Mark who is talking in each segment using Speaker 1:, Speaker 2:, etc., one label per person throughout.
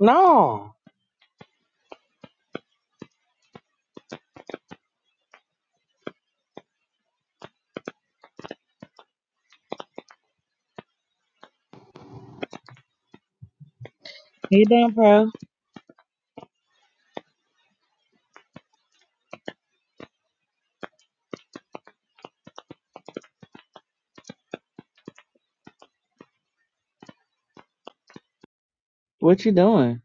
Speaker 1: No. Hey, damn pro. What you doing?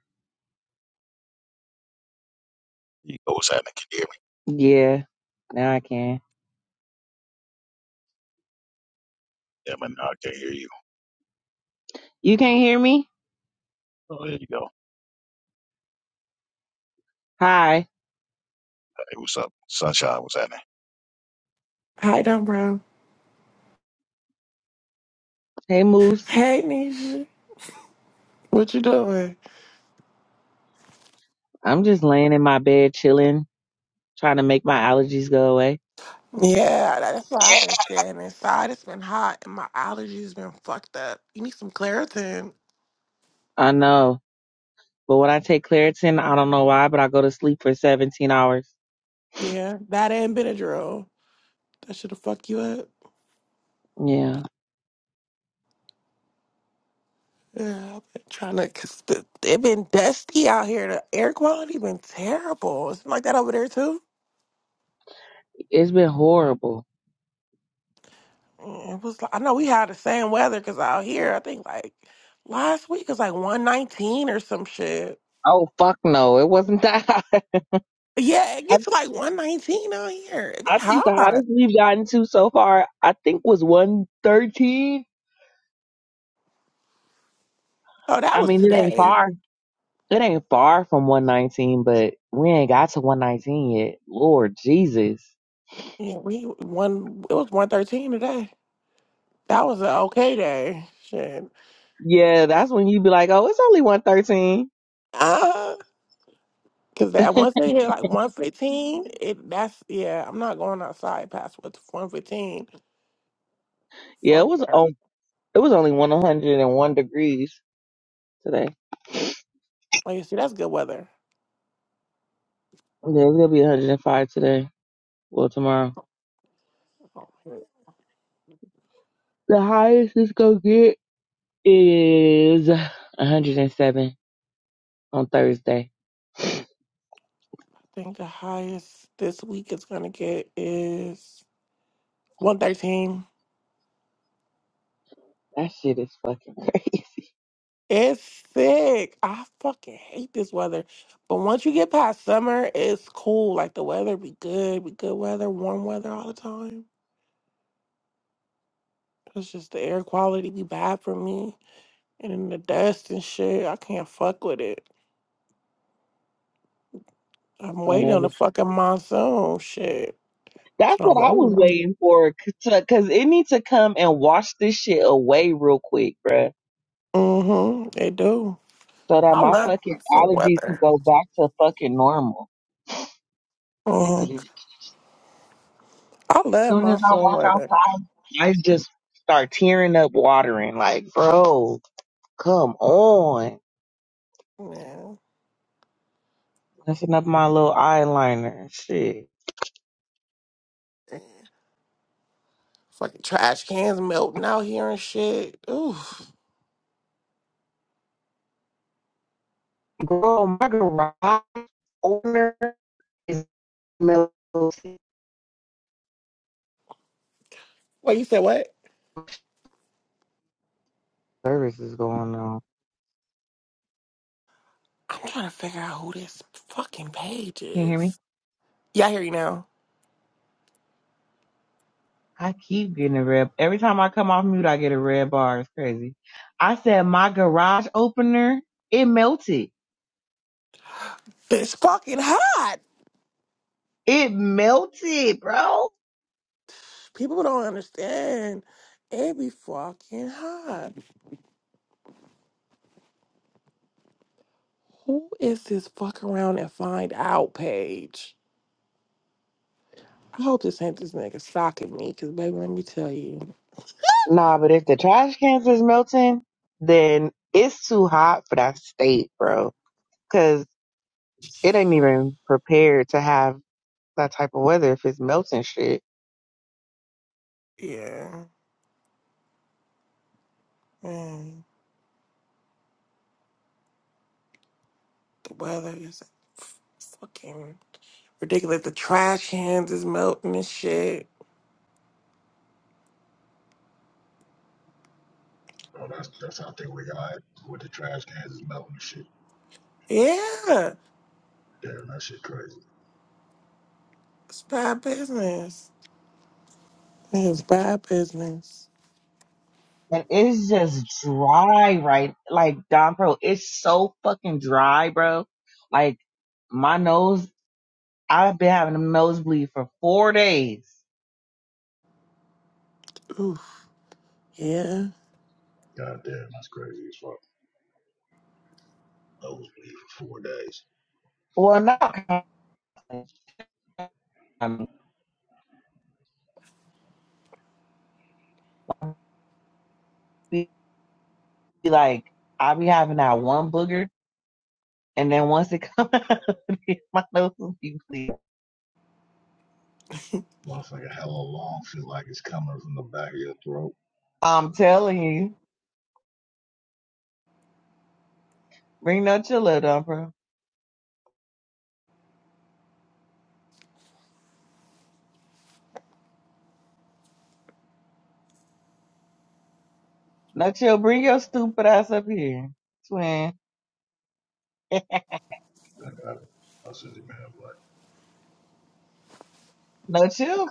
Speaker 2: You go, what's happening? Can you hear me?
Speaker 1: Yeah, now I can.
Speaker 2: Yeah, man, no, I can't hear you.
Speaker 1: You can't hear me?
Speaker 2: Oh, there you go.
Speaker 1: Hi.
Speaker 2: Hey, what's up? Sunshine, what's happening?
Speaker 3: Hi, Dumbro.
Speaker 1: Hey, Moose.
Speaker 3: Hey, Nisha. What you doing?
Speaker 1: I'm just laying in my bed chilling, trying to make my allergies go away.
Speaker 3: Yeah, that's why I've been standing inside. It's been hot and my allergies been fucked up. You need some Claritin.
Speaker 1: I know. But when I take Claritin, I don't know why, but I go to sleep for 17 hours.
Speaker 3: Yeah, that and Benadryl. That should have fucked you up.
Speaker 1: Yeah.
Speaker 3: Yeah, I've been trying to, cause the, it been dusty out here. The air quality been terrible. It's been like that over there too.
Speaker 1: It's been horrible.
Speaker 3: Mm, It was. like- I know we had the same weather because out here, I think like last week it was like one nineteen or some shit.
Speaker 1: Oh, fuck no. It wasn't that hot.
Speaker 3: Yeah, it
Speaker 1: I,
Speaker 3: gets like 119 out here. It be
Speaker 1: I think the
Speaker 3: hot.
Speaker 1: hottest we've gotten to so far, I think was 113.
Speaker 3: Oh, that
Speaker 1: I
Speaker 3: was
Speaker 1: mean, it ain't
Speaker 3: today.
Speaker 1: far. It ain't far from 119, but we ain't got to 119 yet. Lord Jesus.
Speaker 3: Yeah, we one it was 113 today. That was an okay day. Shit.
Speaker 1: Yeah, that's when you be like, oh, it's only 113.
Speaker 3: Uh, cause that once they hit like 115, it that's yeah, I'm not going outside past what's 115.
Speaker 1: Yeah, it
Speaker 3: Fuck
Speaker 1: was
Speaker 3: that.
Speaker 1: on, it was only 101 degrees today.
Speaker 3: Like you see, that's good weather.
Speaker 1: Yeah, it's gonna be 105 today. Well, tomorrow.
Speaker 3: Oh,
Speaker 1: The highest it's gonna get is 107 on Thursday.
Speaker 3: I think the highest this week is gonna get is 113.
Speaker 1: That shit is fucking crazy
Speaker 3: It's sick. I fucking hate this weather. But once you get past summer, it's cool. Like the weather be good, be good weather, warm weather all the time. It's just the air quality be bad for me. And then the dust and shit, I can't fuck with it. I'm
Speaker 1: on
Speaker 3: waiting on the
Speaker 1: everything.
Speaker 3: fucking monsoon shit.
Speaker 1: That's
Speaker 3: So
Speaker 1: what
Speaker 3: I'm
Speaker 1: I was
Speaker 3: waiting on.
Speaker 1: waiting for, c- to- cause it needs to come and wash this shit away real quick, bruh
Speaker 3: Mm-hmm. They do.
Speaker 1: so that
Speaker 3: I
Speaker 1: my
Speaker 3: love
Speaker 1: fucking
Speaker 3: monsoon
Speaker 1: allergies could
Speaker 3: weather.
Speaker 1: go back to fucking normal. Sick
Speaker 3: hmm
Speaker 1: of this.
Speaker 3: I love
Speaker 1: Soon as I
Speaker 3: monsoon
Speaker 1: walk
Speaker 3: weather.
Speaker 1: outside, I just start tearing up, watering. Like, bro, come on.
Speaker 3: Yeah.
Speaker 1: Messing up my little eyeliner. Shit.
Speaker 3: Fucking trash cans melting out here and shit. Ooh.
Speaker 1: Girl, my garage owner is middle service
Speaker 3: Wait, you said what?
Speaker 1: is going on.
Speaker 3: I'm trying to figure out who this fucking page
Speaker 1: Can you hear me?
Speaker 3: is. Yeah, I hear you now.
Speaker 1: I keep getting a red. Every time I come off mute, I get a red bar. It's crazy. I said my garage opener, it melted
Speaker 3: It's fucking hot.
Speaker 1: It melted, bro.
Speaker 3: People don't understand. It be fucking hot. Who is this fuck around and find out page? I hope this ain't this nigga stalking me, cause baby, let me tell you.
Speaker 1: Nah, but if the trash cans is melting, then it's too hot for that state, bro. Cause it ain't even prepared to have that type of weather if it's melting shit.
Speaker 3: Yeah, man, the weather is f- fucking ridiculous. The trash cans is melting and shit.
Speaker 2: Well, that's that's how I think we all right with the trash cans is melting and shit.
Speaker 3: Yeah,
Speaker 2: Damn, that shit crazy.
Speaker 3: it's bad business. It's bad business.
Speaker 1: And it's just dry, right? Like, Don Pro, it's so fucking dry, bro. Like, my nose, I've been having a nosebleed for four days.
Speaker 3: Oof. Yeah.
Speaker 2: God damn, that's crazy as fuck. I was Nosebleed for four days.
Speaker 1: Well, not constantly. I mean, be be like, I be having that one booger And then once it comes out, my nose will be clear.
Speaker 2: Motherfucker, hella long. Feel like it's coming from the back of your throat.
Speaker 1: I'm telling you, bring no chill Dumper. No chill, bring your stupid ass up here, twin. no
Speaker 2: I got it. I said, man, what?
Speaker 1: chill,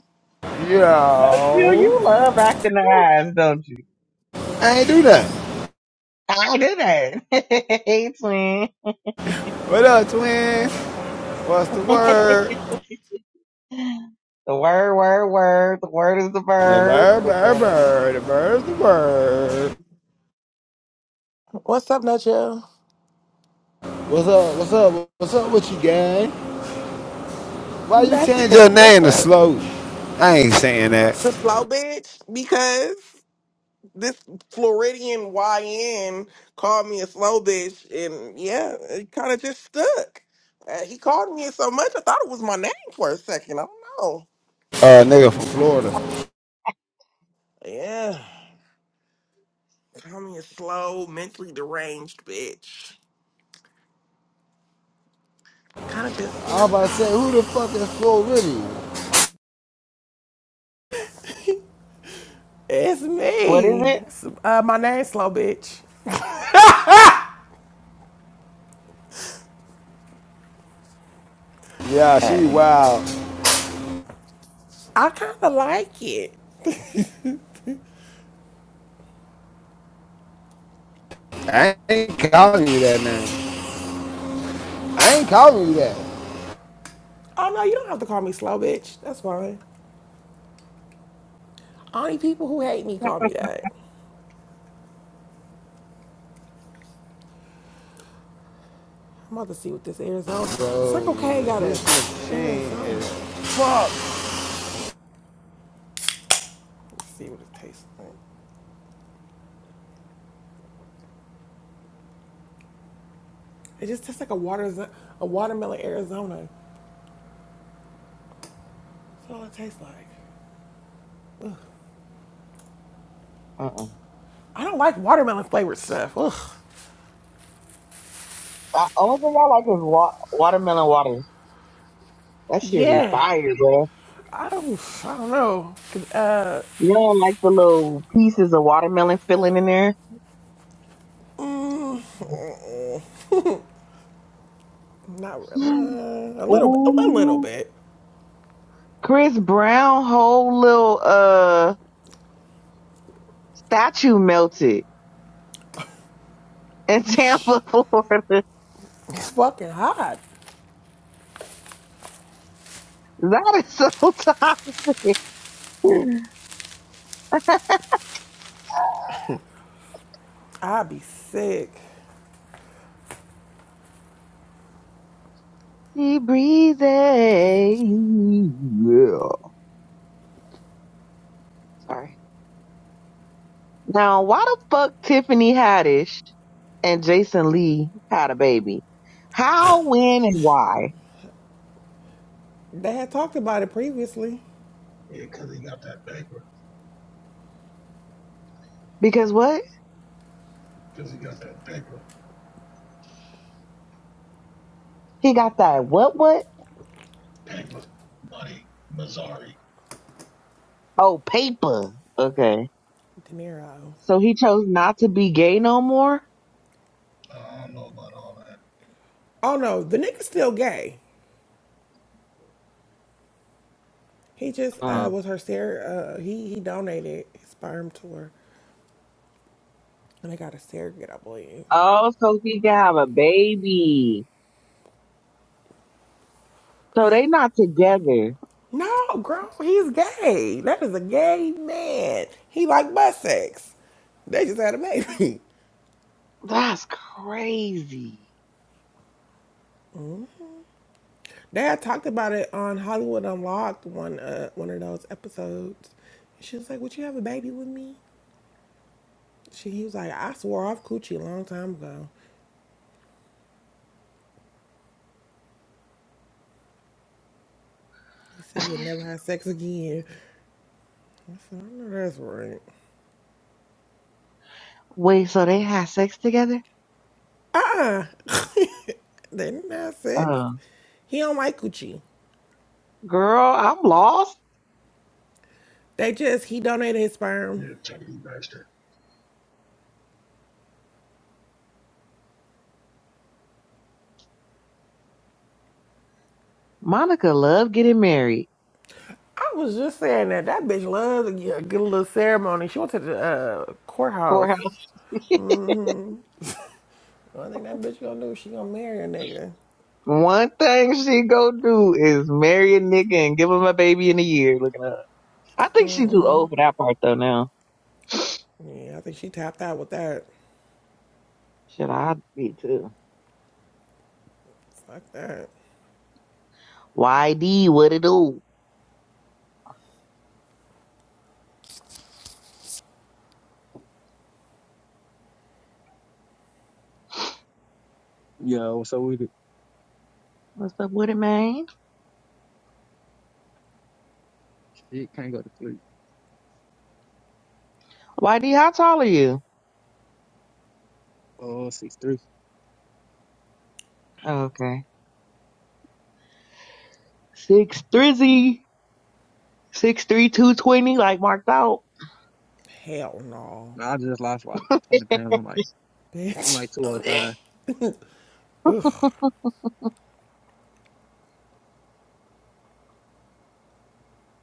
Speaker 1: no chill.
Speaker 4: Yo.
Speaker 1: You love acting the eyes, don't you?
Speaker 4: I ain't do that.
Speaker 1: I do that. hey, twin.
Speaker 4: What up, twins? What's the word?
Speaker 1: The word, word, word. The word is the
Speaker 4: The
Speaker 1: verb.
Speaker 4: bird,
Speaker 1: Like,
Speaker 4: bird,
Speaker 1: uh,
Speaker 4: bird. The bird's the word.
Speaker 3: What's up, Nacho?
Speaker 4: What's up? What's up? What's up with you, gang? Why you change
Speaker 3: Nothing.
Speaker 4: your
Speaker 3: What's
Speaker 4: name to
Speaker 3: up?
Speaker 4: Slow? I ain't saying that.
Speaker 3: The slow bitch? Because this Floridian YN called me a slow bitch, and yeah, it kind of just stuck. Uh, he called me it so much, I thought it was my name for a second. I don't know.
Speaker 4: Uh, nigga from Florida.
Speaker 3: Yeah. Called me a slow, mentally deranged bitch. Kind of just, you
Speaker 4: I was
Speaker 3: know,
Speaker 4: about
Speaker 3: kind
Speaker 4: to
Speaker 3: of
Speaker 4: say,
Speaker 3: like
Speaker 4: who
Speaker 3: this.
Speaker 4: the fuck is Floridian?
Speaker 3: It's
Speaker 1: what is
Speaker 3: me.
Speaker 1: it?
Speaker 3: It's, uh, my name's Slow Bitch.
Speaker 4: Yeah, she
Speaker 3: hey.
Speaker 4: wild.
Speaker 3: I kind of like it.
Speaker 4: I ain't calling you that name. I ain't calling you that.
Speaker 3: Oh no, you don't have to call me slow, bitch. That's fine. Only people who hate me call me that. I'm about to see what this Arizona
Speaker 4: Bro,
Speaker 3: Circle K got
Speaker 4: this
Speaker 3: a
Speaker 4: machine is
Speaker 3: Arizona.
Speaker 4: fucked
Speaker 3: Let's see what it tastes like. It just tastes like a water a watermelon Arizona. That's all it tastes like.
Speaker 1: Uh-uh.
Speaker 3: I don't like watermelon flavored stuff. Ugh.
Speaker 1: The only thing I like is wa- watermelon water. That should be
Speaker 3: Yeah.
Speaker 1: fire, bro.
Speaker 3: I don't. I don't know. Uh,
Speaker 1: You do like the little pieces of watermelon filling in there?
Speaker 3: not really. nah, a little bit. A little
Speaker 1: Ooh.
Speaker 3: bit.
Speaker 1: Chris Brown whole little uh statue melted in Tampa, Florida.
Speaker 3: It's fucking hot.
Speaker 1: That is so toxic.
Speaker 3: I'd be sick.
Speaker 1: She breezy. Yeah. Sorry. Now, why the fuck Tiffany Haddish and Jason Lee had a baby? How, when, and why?
Speaker 3: They had talked about it previously.
Speaker 2: Yeah, 'cause he got that paper.
Speaker 1: Because what?
Speaker 2: 'Cause he got that paper.
Speaker 1: He got that what what?
Speaker 2: Paper. Money. Mazzari.
Speaker 1: Oh, paper. Okay.
Speaker 3: De Niro.
Speaker 1: So he chose not to be gay no more?
Speaker 2: I don't know about all that.
Speaker 3: Oh no, the nigga's still gay. He just uh,
Speaker 1: Uh,
Speaker 3: was her surrogate. Uh, he he donated his sperm to her, and they got a surrogate, I believe.
Speaker 1: Oh, so he can have a baby. So they not together.
Speaker 3: No, girl, he's gay. That is a gay man. He like butt sex. They just had a baby.
Speaker 1: That's crazy.
Speaker 3: They had talked about it on Hollywood Unlocked one uh, one of those episodes. She was like, "Would you have a baby with me?" She he was like, "I swore off coochie a long time ago." He said he'd never have sex again. I said, I know that's right.
Speaker 1: Wait, so they had sex together?
Speaker 3: Uh-uh. they didn't have sex.
Speaker 1: Uh,
Speaker 3: He don't like coochie.
Speaker 1: girl, I'm lost.
Speaker 3: They just, he donated his sperm.
Speaker 2: Yeah, Chucky Baxter.
Speaker 1: Monica love getting married.
Speaker 3: I was just saying that that bitch loves to get a good little ceremony. She went to the uh, courthouse.
Speaker 1: Poor
Speaker 3: The only thing that bitch gonna do, is she gonna marry a nigga.
Speaker 1: One thing she go do is marry a nigga and give him a baby in a year. Looking up. I think she too old for that part though now.
Speaker 3: Yeah, I think she tapped out with that.
Speaker 1: Should I be too?
Speaker 3: Fuck that.
Speaker 1: YD, what it do?
Speaker 5: Yo, so we do-
Speaker 1: What's up with it, man?
Speaker 5: shit can't go to sleep.
Speaker 1: Whitey, how tall are you?
Speaker 5: Oh, six three.
Speaker 1: Oh, okay. Six thrizzy. Six three two twenty, like marked out.
Speaker 3: Hell no.
Speaker 5: Nah, I just lost like twenty pounds. I'm like I'm
Speaker 3: Bitch.
Speaker 5: like two oh five.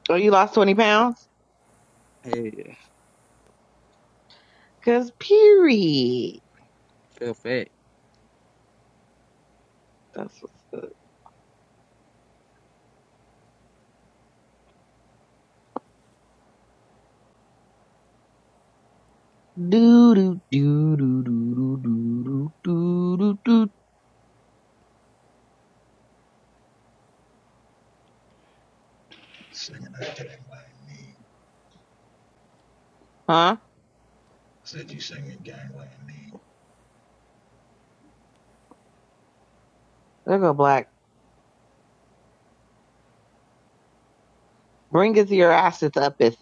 Speaker 1: oh, you lost twenty pounds?
Speaker 5: Hey,
Speaker 1: Cause period.
Speaker 5: feel fat.
Speaker 1: That's what's up. Do do do do do do do do do do.
Speaker 2: Singing that game like me.
Speaker 1: Huh?
Speaker 2: said you singing Gangland Mean.
Speaker 1: There go black. Bring it to your assets up it.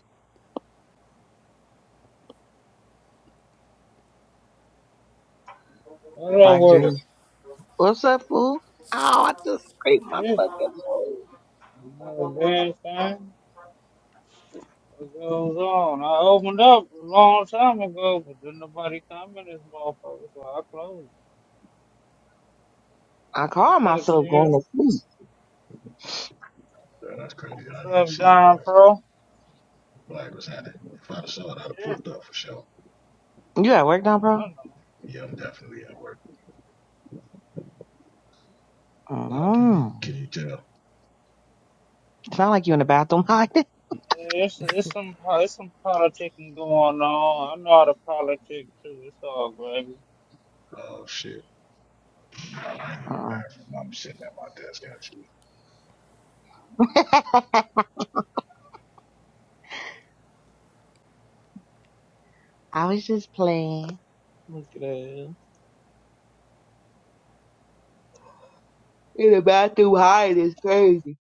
Speaker 6: What
Speaker 1: Black
Speaker 6: up
Speaker 1: Jay.
Speaker 6: with it?
Speaker 1: What's up, fool? Oh, I just scraped my
Speaker 6: Shit.
Speaker 1: fucking nose.
Speaker 6: Another damn thing. What goes on? I opened up a long time ago, but didn't nobody come in this motherfucker, so I closed it.
Speaker 1: I
Speaker 6: What's
Speaker 1: call
Speaker 6: up,
Speaker 1: myself going
Speaker 6: chill?
Speaker 1: to sleep.
Speaker 2: Girl, that's crazy that I
Speaker 6: What's
Speaker 2: didn't even
Speaker 6: up,
Speaker 2: see it,
Speaker 6: Don
Speaker 2: but
Speaker 6: Pro?
Speaker 2: Black was in it. If I'd have saw it, I'd have
Speaker 6: Shit,
Speaker 2: pulled up for sure.
Speaker 1: You at work now,
Speaker 6: I
Speaker 1: bro?
Speaker 6: don't know.
Speaker 2: Yeah, I'm definitely at work. Wow, can you
Speaker 1: mm
Speaker 2: can you tell?
Speaker 1: Sound like you in the bathroom hiding.
Speaker 6: It's, it's some it's some politicking going on. I know how to politic too. It's all gravy.
Speaker 2: Oh shit. I'm in the
Speaker 1: Uh-uh.
Speaker 2: bathroom. I'm sitting at my desk actually.
Speaker 1: I was just playing. Look at that. In the bathroom hiding is crazy.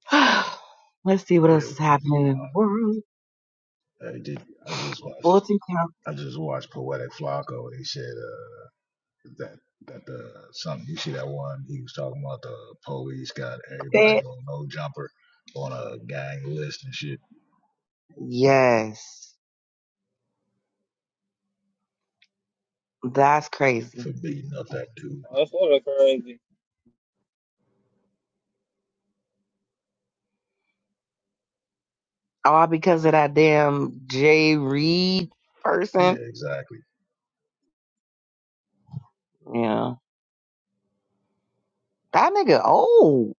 Speaker 1: Let's see what
Speaker 2: Yeah,
Speaker 1: else is
Speaker 2: i
Speaker 1: happening in the world.
Speaker 2: did, I just watched
Speaker 1: Fulton
Speaker 2: I just watched Poetic Flocko and he said uh, that that the something you see that one he was talking about the police got everybody
Speaker 1: County.
Speaker 2: on no jumper on a gang list and shit
Speaker 1: Yes. That's crazy.
Speaker 2: for beating up that dude.
Speaker 6: That's sort of crazy.
Speaker 1: All because of that damn Jay Reed
Speaker 2: Yeah,
Speaker 1: person.
Speaker 2: exactly.
Speaker 1: Yeah. That nigga old.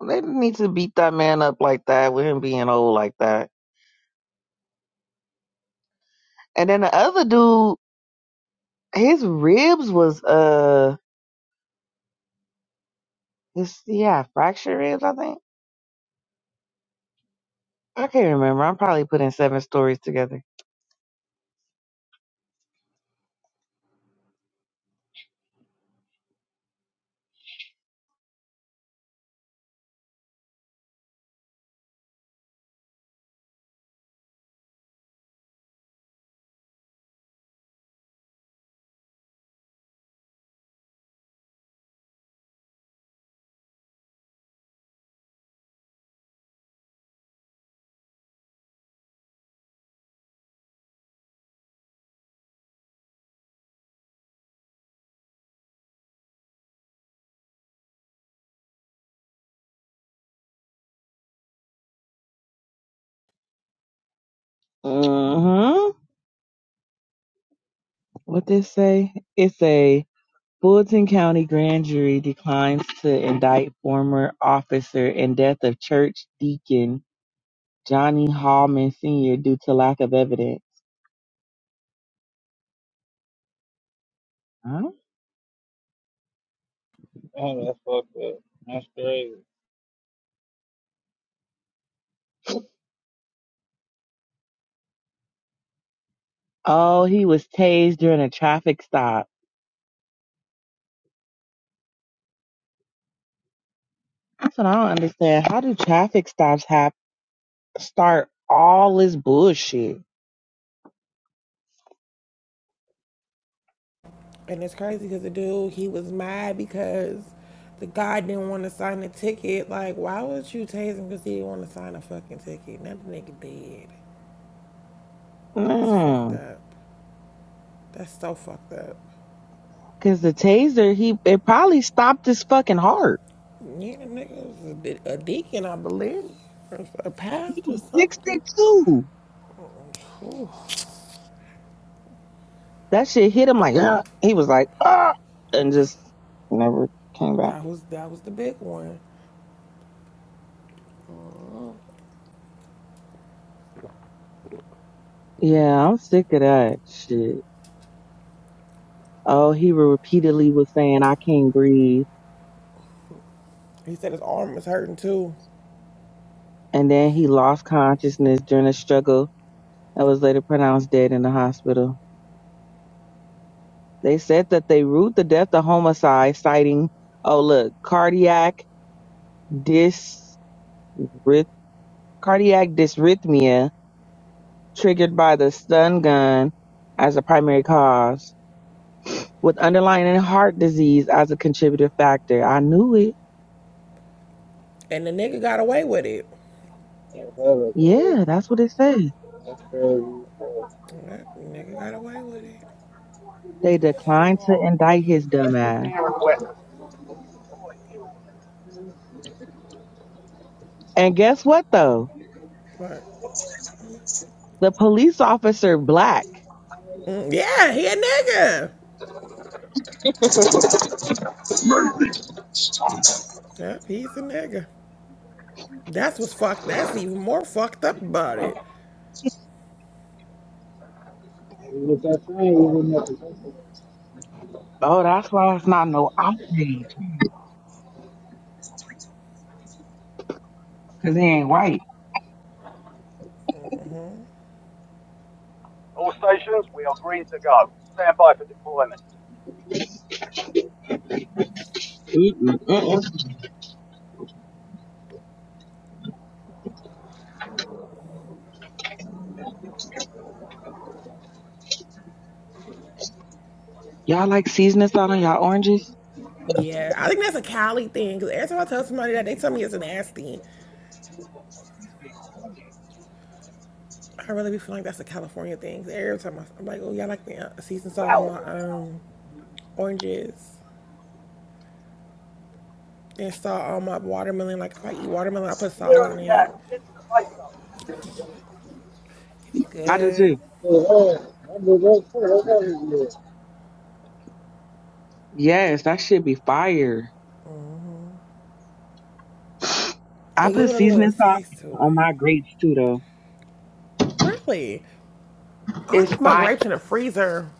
Speaker 1: They didn't need to beat that man up like that with him being old like that. And then the other dude, his ribs was uh. It's yeah, fracture ribs. I think I can't remember. I'm probably putting seven stories together. hmm What this say? It's a Fulton County grand jury declines to indict former officer in death of church deacon Johnny Hallman Sr. due to lack of evidence. Huh?
Speaker 6: Oh, that's fucked up. That's crazy.
Speaker 1: Oh, he was tased during a traffic stop. That's what I don't understand. How do traffic stops have start all this bullshit?
Speaker 3: And it's crazy because the dude, he was mad because the guy didn't want to sign the ticket. Like, why would you tase him because he didn't want to sign a fucking ticket? Now the nigga dead. That's
Speaker 1: Mm.
Speaker 3: fucked up. That's so fucked up.
Speaker 1: Cause the taser, he it probably stopped his fucking heart.
Speaker 3: Yeah, the nigga was a, de- a deacon, I believe, or a pastor, or
Speaker 1: Sixty
Speaker 3: something.
Speaker 1: two. That shit hit him like "Ah." he was like ah, and just never came back.
Speaker 3: That was that was the big one.
Speaker 1: Yeah, I'm sick of that shit. Oh, he re- repeatedly was saying I can't breathe,
Speaker 3: He said his arm was hurting too,
Speaker 1: and then he lost consciousness during a struggle and was later pronounced dead in the hospital. They said that they ruled the death a homicide, citing oh look cardiac dys cardiac dysrhythmia triggered by the stun gun as a primary cause, with underlying heart disease as a contributive factor. I knew it.
Speaker 3: and the nigga got away with it.
Speaker 1: Yeah, that's what it says.
Speaker 6: That's crazy. If
Speaker 3: That nigga got away with it.
Speaker 1: They declined to indict his dumb ass. And guess what though?
Speaker 3: But
Speaker 1: The police officer black.
Speaker 3: mm, yeah, he a nigga. Yep, he's a nigga. That's what's fucked. That's even more fucked up about it.
Speaker 6: it was that thing, we wouldn't have to
Speaker 1: Oh, that's why it's not no outrage, cause he ain't white.
Speaker 6: All stations, we are green to go. Stand by for deployment.
Speaker 1: Mm-mm, mm-mm. Y'all like seasoning salt on y'all oranges?
Speaker 3: Yeah, I think that's a Cali thing. Cause every time I tell somebody that, they tell me it's nasty. I really be feeling like that's a California thing. every time I, am like, oh y'all like the uh, seasoned salt on
Speaker 6: Battle
Speaker 3: my um oranges and salt on my watermelon. Like if I eat watermelon, I put
Speaker 6: Royale.
Speaker 3: salt
Speaker 6: Clear on
Speaker 3: on
Speaker 6: the
Speaker 3: it.
Speaker 6: gas. Get to the safe zone.
Speaker 3: It be
Speaker 1: I do
Speaker 3: good.
Speaker 1: too.
Speaker 6: Yeah, I do that too. That's what
Speaker 1: Yes, that should be fire. I
Speaker 3: And give
Speaker 1: put
Speaker 3: it a
Speaker 1: seasoning
Speaker 3: little
Speaker 1: salt
Speaker 3: taste to
Speaker 1: on
Speaker 3: it.
Speaker 1: my grapes too, though.
Speaker 3: Really, I like
Speaker 1: It's
Speaker 3: to put my
Speaker 1: fire.
Speaker 3: grapes in the freezer.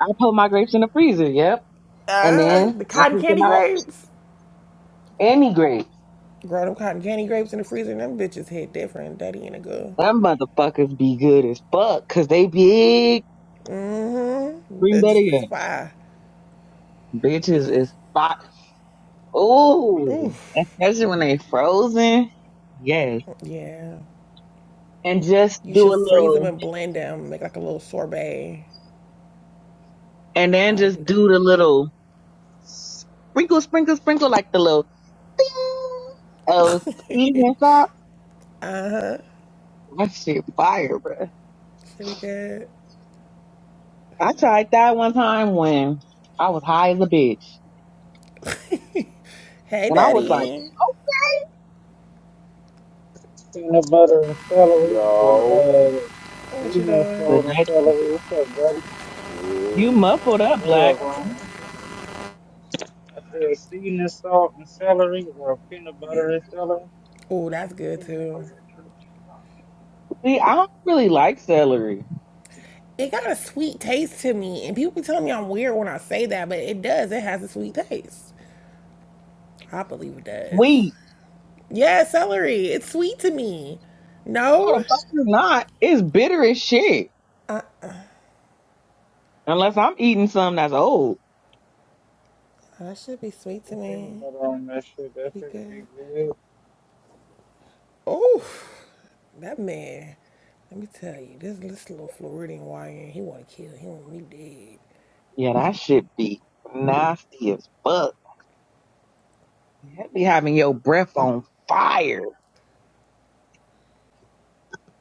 Speaker 1: I put my grapes in the freezer, yep. And then
Speaker 3: Uh, the
Speaker 1: I
Speaker 3: cotton
Speaker 1: pick them
Speaker 3: candy
Speaker 1: out
Speaker 3: grapes.
Speaker 1: any grapes.
Speaker 3: Grown up cotton candy grapes in the freezer. Them bitches hit different. Daddy and a girl.
Speaker 1: Them motherfuckers be good as fuck, cause they big.
Speaker 3: Mm-hmm.
Speaker 1: Bring
Speaker 3: That
Speaker 1: that
Speaker 3: just is
Speaker 1: again.
Speaker 3: fire.
Speaker 1: Bitches is hot. Ooh. Especially when they frozen. Yes.
Speaker 3: Yeah.
Speaker 1: And just
Speaker 3: You
Speaker 1: do
Speaker 3: should
Speaker 1: a
Speaker 3: freeze them
Speaker 1: little,
Speaker 3: and blend them, make like a little sorbet.
Speaker 1: and
Speaker 3: You
Speaker 1: then
Speaker 3: gotta
Speaker 1: just
Speaker 3: do
Speaker 1: do
Speaker 3: that.
Speaker 1: the little sprinkle, sprinkle, sprinkle, like the little ding of seasoning salt. That shit fire, bruh.
Speaker 3: should be good.
Speaker 1: I tried that one time when I was high as a bitch.
Speaker 3: hey,
Speaker 1: And I was like,
Speaker 3: Daddy.
Speaker 6: Peanut butter and celery, or
Speaker 7: Yo.
Speaker 6: uh,
Speaker 3: What you
Speaker 6: seasoning
Speaker 1: But
Speaker 3: doing?
Speaker 6: salt and
Speaker 1: that
Speaker 6: celery. What's up, buddy?
Speaker 7: Yeah.
Speaker 1: you muffled up,
Speaker 6: What
Speaker 1: Black.
Speaker 6: up, um? I said seasoning salt and celery, or peanut butter and celery.
Speaker 3: Oh, that's good
Speaker 6: Put
Speaker 3: too.
Speaker 1: See, I don't really like celery.
Speaker 3: It got a sweet taste to me, and people be telling me I'm weird when I say that, but it does. It has a sweet taste. I believe it does.
Speaker 1: Sweet.
Speaker 3: Yeah, celery. It's sweet to me.
Speaker 1: No, the
Speaker 3: No?
Speaker 1: fuck it's not. It's bitter as shit. Unless I'm eating something that's old.
Speaker 3: That should be sweet to
Speaker 6: some peanut
Speaker 3: me.
Speaker 6: butter on that shit. That
Speaker 3: Be
Speaker 6: shit would be
Speaker 3: good.
Speaker 6: good.
Speaker 3: Oh, That man, let me tell you, this, this little Floridian YN, he want to kill him. He
Speaker 1: Yeah, that shit be nasty as fuck. That be having your breath on fire.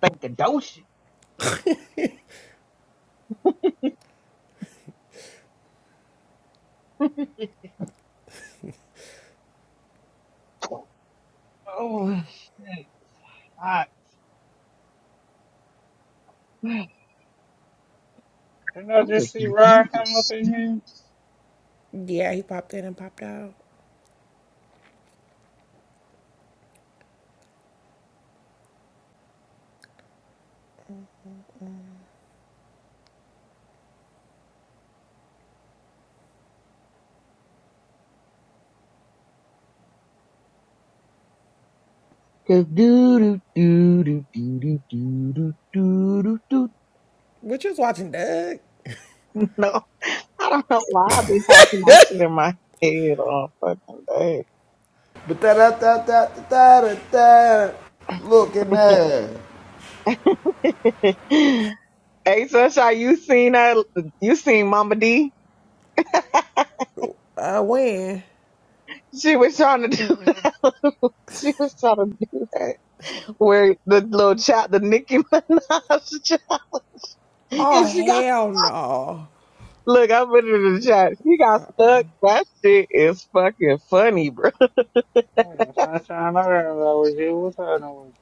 Speaker 1: Thinkadocious. Oh, shit. God.
Speaker 6: Didn't I
Speaker 1: I'm just
Speaker 6: just see Ryan come up
Speaker 1: confused.
Speaker 6: in here?
Speaker 3: dead. Yeah, he popped in and popped out.
Speaker 1: Cause do do do do do do do do do do. do.
Speaker 3: But you was watching Doug?
Speaker 1: No. I don't know why I be having that shit in my head all fucking
Speaker 4: But da da da da da da da. Look at that.
Speaker 1: day. hey, Sunshine, you seen that? You seen Mama D?
Speaker 3: Uh, when?
Speaker 1: She was trying to do that. She was trying to do that where the little chat, the Nicki Minaj chat,
Speaker 3: Oh,
Speaker 1: and she got.
Speaker 3: hell no.
Speaker 1: Look, I put it in the chat. She got stuck. That shit is fucking funny, bro.
Speaker 6: Damn, Sunshine, I didn't know that What's up,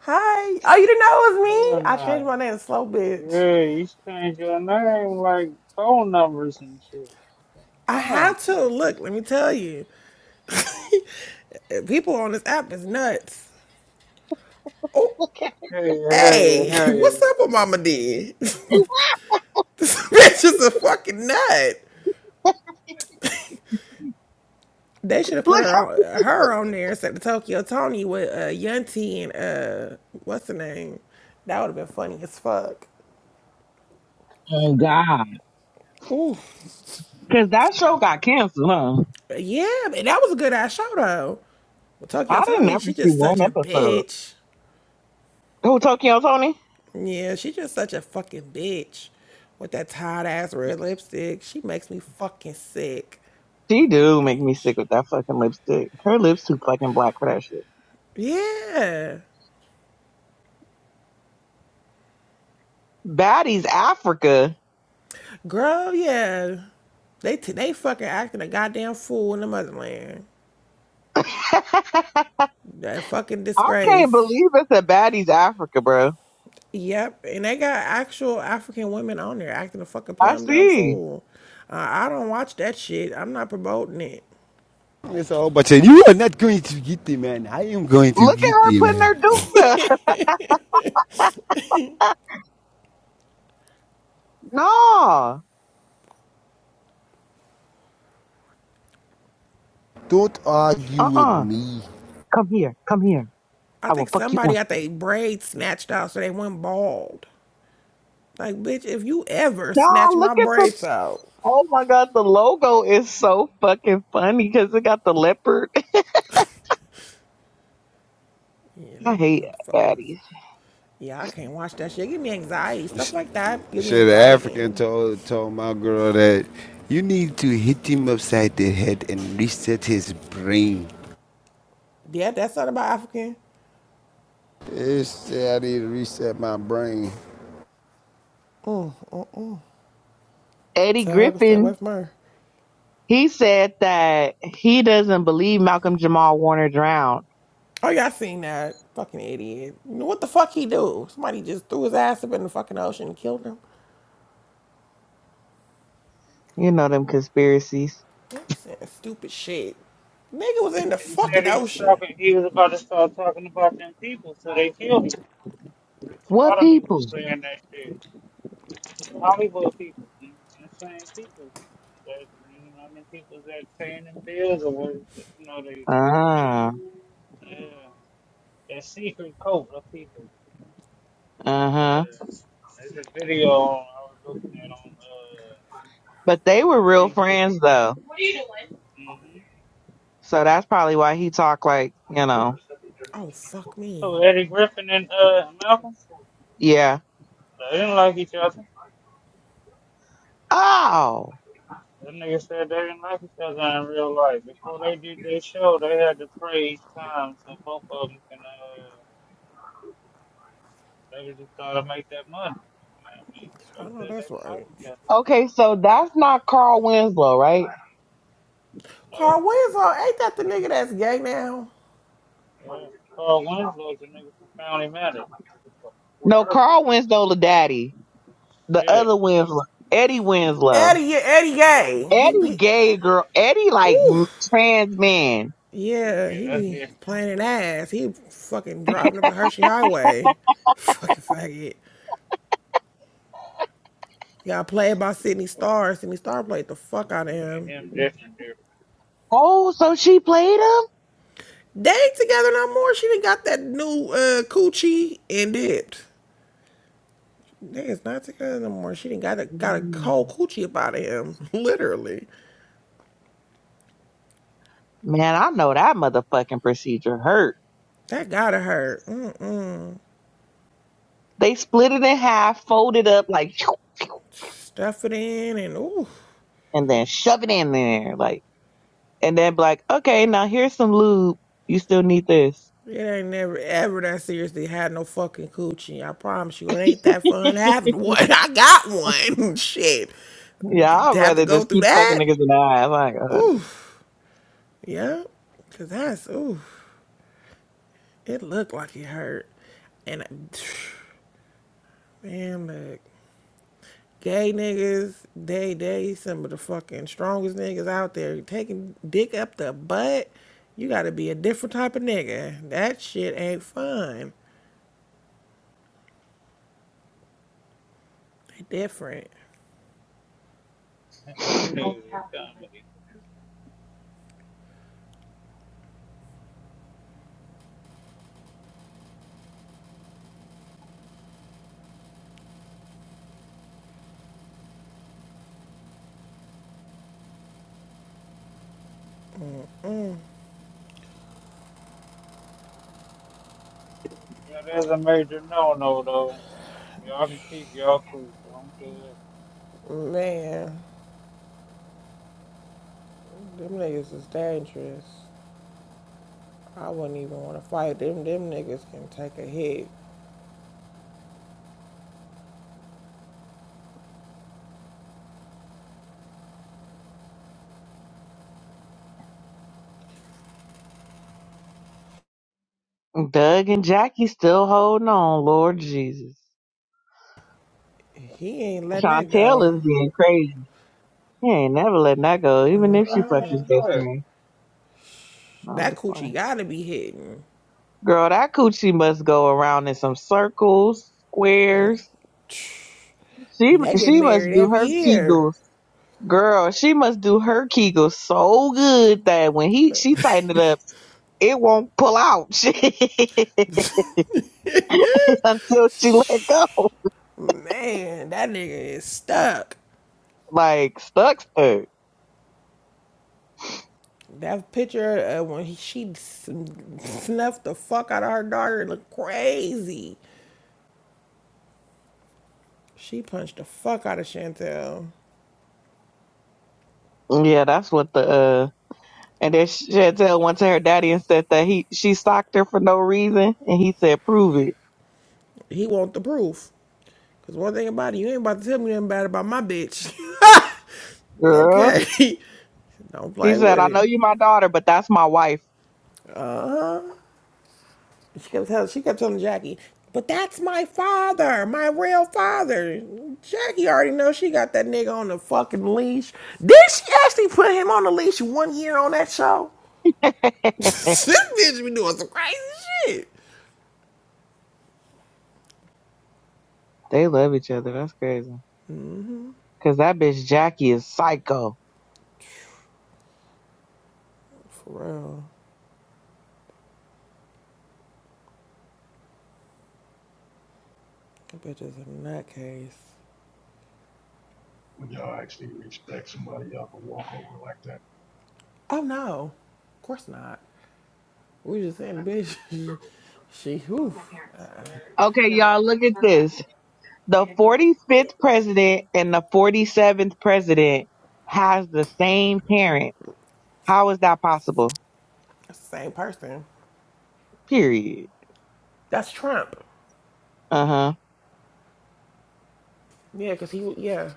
Speaker 3: Hi. Oh, you didn't know it was me? I
Speaker 6: Uh,
Speaker 3: changed my name to Slow Bitch.
Speaker 6: yeah, you change your name like phone numbers and shit.
Speaker 3: I
Speaker 6: Dang.
Speaker 3: had to. Look, let me tell you. People on this app is nuts. Oh,
Speaker 6: Hell yeah, hell yeah,
Speaker 3: hey,
Speaker 6: hell yeah.
Speaker 3: what's up with Mama D? this bitch is a fucking nut. They should have put
Speaker 1: Look
Speaker 3: her
Speaker 1: how,
Speaker 3: on her on there instead of Tokyo Tony with uh, Yunti and uh, what's the name? That would have been funny as fuck.
Speaker 1: Oh God. cause that show got canceled, huh?
Speaker 3: Yeah, but that was a good ass show though. Well, Tokyo
Speaker 1: I didn't
Speaker 3: Tony,
Speaker 1: ever
Speaker 3: she
Speaker 1: see
Speaker 3: just
Speaker 1: one
Speaker 3: such a
Speaker 1: episode.
Speaker 3: bitch.
Speaker 1: Who Tokyo Tony?
Speaker 3: Yeah, she just such a fucking bitch with that tight ass red lipstick. She makes me fucking sick.
Speaker 1: She
Speaker 3: Fucking
Speaker 1: do make me
Speaker 3: bitch.
Speaker 1: sick with that fucking lipstick. Her lips too fucking black for that shit.
Speaker 3: Yeah,
Speaker 1: Baddies Africa.
Speaker 3: girl. Yeah, they t- they fucking acting a goddamn fool in the motherland.
Speaker 1: I
Speaker 3: That fucking
Speaker 1: can't
Speaker 3: disgrace.
Speaker 1: believe it's a Baddies Africa, bro.
Speaker 3: Yep, and they got actual African women on there acting a fucking
Speaker 1: I
Speaker 3: plum dumb
Speaker 1: see.
Speaker 3: fool. Uh, I don't watch that shit. I'm not promoting it.
Speaker 4: It's a whole bunch of you are not going to get it, man. I am going to
Speaker 1: Look at
Speaker 4: get
Speaker 1: her
Speaker 4: it,
Speaker 1: putting
Speaker 4: man.
Speaker 1: her dukes up. Nah.
Speaker 4: Don't argue with
Speaker 1: Uh-uh.
Speaker 4: me.
Speaker 1: Come here. Come here.
Speaker 3: I
Speaker 1: I will
Speaker 3: think
Speaker 1: fuck you
Speaker 3: somebody
Speaker 1: up.
Speaker 3: got their braids snatched out so they went bald. Like, bitch, if you ever
Speaker 1: Nah,
Speaker 3: snatch
Speaker 1: look
Speaker 3: my
Speaker 1: at the
Speaker 3: braids out,
Speaker 1: Oh my god, the logo is so fucking funny because it got the leopard.
Speaker 3: yeah,
Speaker 1: I
Speaker 3: them
Speaker 1: hate
Speaker 3: motherfuckers.
Speaker 1: baddies.
Speaker 3: Yeah, I can't watch that shit. Give me anxiety. Stuff like that give me
Speaker 4: Shit, the African
Speaker 3: anxiety.
Speaker 4: told told my girl that you need to hit him upside the head and reset his brain.
Speaker 3: Yeah, that's not about African.
Speaker 4: It's, I need to reset my brain.
Speaker 1: Eddie
Speaker 3: Tell her to stay
Speaker 1: Griffin
Speaker 3: away from her.
Speaker 1: He said that he doesn't believe Malcolm Jamal Warner drowned.
Speaker 3: Oh, y'all seen that fucking idiot? What the fuck he do? Somebody just threw his ass up in the fucking ocean and killed him.
Speaker 1: You know them conspiracies.
Speaker 3: They be saying stupid shit. Nigga was in the
Speaker 6: He said
Speaker 3: fucking
Speaker 6: he was
Speaker 3: ocean.
Speaker 6: talking. He was about to start talking about them people, so they killed him. Which a
Speaker 1: What
Speaker 6: lot of people
Speaker 1: people?
Speaker 6: saying that shit. Hollywood people, them them same people. That, you know, the people that paying them bills or what, you know, they,
Speaker 1: Ah,
Speaker 6: yeah, that secret cult of people.
Speaker 1: uh huh.
Speaker 6: Uh, there's a video I was looking at on
Speaker 1: But they were
Speaker 6: uh,
Speaker 1: real
Speaker 6: YouTube.
Speaker 1: friends though,
Speaker 6: hmm
Speaker 1: so that's probably why he talked like you know.
Speaker 3: Oh fuck me.
Speaker 6: Oh, Eddie Griffin and uh, Malcolm,
Speaker 1: Yeah.
Speaker 6: they didn't like each other.
Speaker 1: Oh.
Speaker 6: That nigga said they didn't like each other in real life. Before they did their show, they had to pray each time so both of them can, uh, they were just trying to make that money. You know what I mean,
Speaker 3: I
Speaker 6: they
Speaker 3: know
Speaker 6: said they
Speaker 3: that's
Speaker 6: didn't like
Speaker 3: right.
Speaker 6: each other.
Speaker 1: Okay, so that's not Carl Winslow, right?
Speaker 6: You know,
Speaker 3: Carl Winslow ain't that the nigga that's gay now?
Speaker 6: Well, Carl Winslow's a nigga from County Matter. With
Speaker 1: No,
Speaker 6: her.
Speaker 1: Carl Winslow, the daddy, the
Speaker 6: Yeah,
Speaker 1: other Winslow, Eddie Winslow.
Speaker 3: Eddie, yeah, Eddie
Speaker 6: yeah,
Speaker 3: gay. He,
Speaker 1: Eddie
Speaker 3: he
Speaker 1: gay
Speaker 6: yeah.
Speaker 1: girl. Eddie like
Speaker 3: ooh.
Speaker 1: m- trans man.
Speaker 3: Yeah,
Speaker 6: Yeah,
Speaker 3: he
Speaker 6: that's
Speaker 3: be
Speaker 6: different.
Speaker 3: playing an ass. He fucking driving up the Hershey Highway. Fucking faggot. He got played by Sydney Starr. Sydney Starr played the fuck out of him.
Speaker 6: Him different, different.
Speaker 1: Oh, so she played
Speaker 3: They ain't together no more. She didn't got that new uh, coochie and it. They is not together no more. She didn't got a got a
Speaker 1: him.
Speaker 3: cold coochie up out of him, literally.
Speaker 1: Man, I know that motherfucking procedure hurt.
Speaker 3: That gotta hurt. Mm-mm.
Speaker 1: They split it in half, fold it up like,
Speaker 3: Stuff it in and ooh,
Speaker 1: and then shove it in there, like, and then be like, okay, now here's some lube. You still need this.
Speaker 3: it ain't never ever that seriously had no fucking coochie. I promise you, it ain't that fun having one. I got one. Shit,
Speaker 1: yeah, I'd
Speaker 3: to have to
Speaker 1: rather
Speaker 3: go
Speaker 1: just
Speaker 3: through
Speaker 1: keep fucking
Speaker 3: that.
Speaker 1: niggas in the ass. Like, uh,
Speaker 3: Ooh, yeah, cause that's ooh. It looked like it hurt, and. I... Man, look, gay niggas, they they some of the fucking strongest niggas out there. Taking dick up the butt, you gotta be a different type of nigga. That shit ain't fun. They different.
Speaker 6: He knew it was comedy. You know, that's a major no-no, though. Y'all can keep y'all cool. Y'all good.
Speaker 3: Man, them niggas is dangerous. I wouldn't even wanna fight them. Them niggas can take a hit.
Speaker 1: Doug and Jackie still holding on, Lord Jesus.
Speaker 3: He ain't letting that
Speaker 1: Chantel
Speaker 3: go.
Speaker 1: is being crazy. He ain't never letting that go, even if she fucked his best friend. No, I'm
Speaker 3: That coochie gotta be hitting.
Speaker 1: Girl, that coochie must go around in some circles, squares. She
Speaker 3: They get
Speaker 1: she must
Speaker 3: married
Speaker 1: do
Speaker 3: every
Speaker 1: her
Speaker 3: year.
Speaker 1: kegels, girl. She must do her kegels so good that when he she tighten it up, it won't pull out shit until she let go.
Speaker 3: Man, that nigga is stuck.
Speaker 1: Like stuck, stuck.
Speaker 3: That picture uh, when he, she snuffed the fuck out of her daughter it looked crazy. She punched the fuck out of Chantel.
Speaker 1: Yeah, that's what the uh. And then Chantel went to her daddy and said that he she socked her for no reason, and he said, "Prove it,
Speaker 3: He want the proof. Cause one thing about it, you ain't about to tell me nothing bad about my bitch.
Speaker 1: girl."
Speaker 3: okay, don't
Speaker 1: He
Speaker 3: play
Speaker 1: said,
Speaker 3: with
Speaker 1: "I know
Speaker 3: it.
Speaker 1: you my daughter, but that's my wife."
Speaker 3: She kept telling, she kept telling Jackie, but that's my father, my real father. Jackie already knows she got that nigga on the fucking leash. Did she actually put him on the leash one year on that show? this bitch be doing some crazy shit.
Speaker 1: they love each other. That's crazy. Cause that bitch Jackie is psycho.
Speaker 3: For real. That bitch is a nutcase.
Speaker 2: When y'all actually respect somebody, y'all can walk over like that.
Speaker 3: Oh no. Of course not. We just saying the bitch she who
Speaker 1: Okay, y'all, look at this. The 45th president and the 47th president has the same parent. How is that possible?
Speaker 3: that's the same person.
Speaker 1: Period.
Speaker 3: That's Trump.
Speaker 1: Uh huh.
Speaker 3: Yeah, cause he yeah.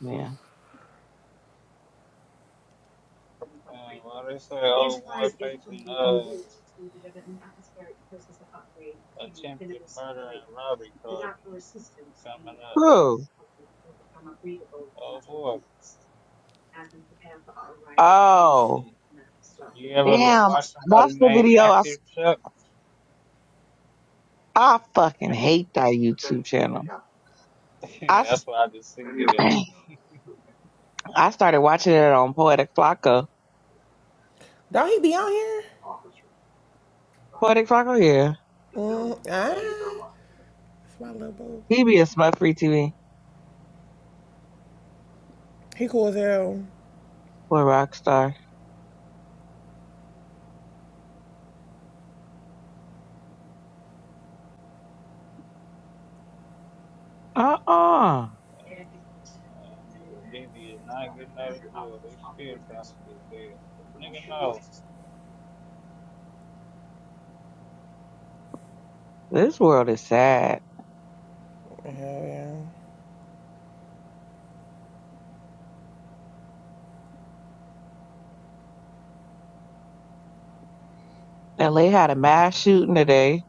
Speaker 1: Yeah.
Speaker 6: Uh, they say uh, Robbie.
Speaker 1: Who? Oh,
Speaker 6: You ever look,
Speaker 1: damn.
Speaker 6: watch somebody
Speaker 1: That's the
Speaker 6: named
Speaker 1: video. I,
Speaker 6: Active Chuck?
Speaker 1: I fucking
Speaker 6: Act-
Speaker 1: hate that YouTube channel. I, s-
Speaker 6: that's why I just see. Yeah,
Speaker 1: I started watching it on Poetic Flacco.
Speaker 3: Don't he be on here?
Speaker 1: Poetic Flacco, yeah.
Speaker 3: Mm, ah, that's my little boo.
Speaker 1: He be a smut free TV
Speaker 3: He cool as hell.
Speaker 1: for a rock star. Uh uh
Speaker 6: um, Diddy is not getting out of jail. They still trying to get bail. Nigga, no.
Speaker 1: This world is sad.
Speaker 3: Hell yeah.
Speaker 1: LA had a mass shooting today.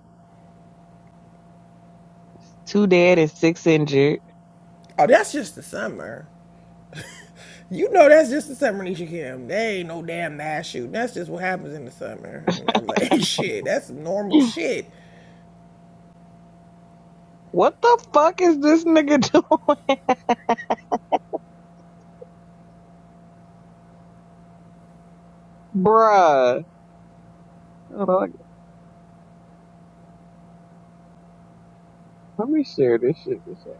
Speaker 1: Two dead and six injured.
Speaker 3: Oh, that's just the summer. You know that's just the summer Nisha Kim. They ain't no damn mass shooting. That's just what happens in the summer in LA. Shit, that's normal shit.
Speaker 1: What the fuck is this nigga doing? Bruh. Hold on, Let me share this shit. with you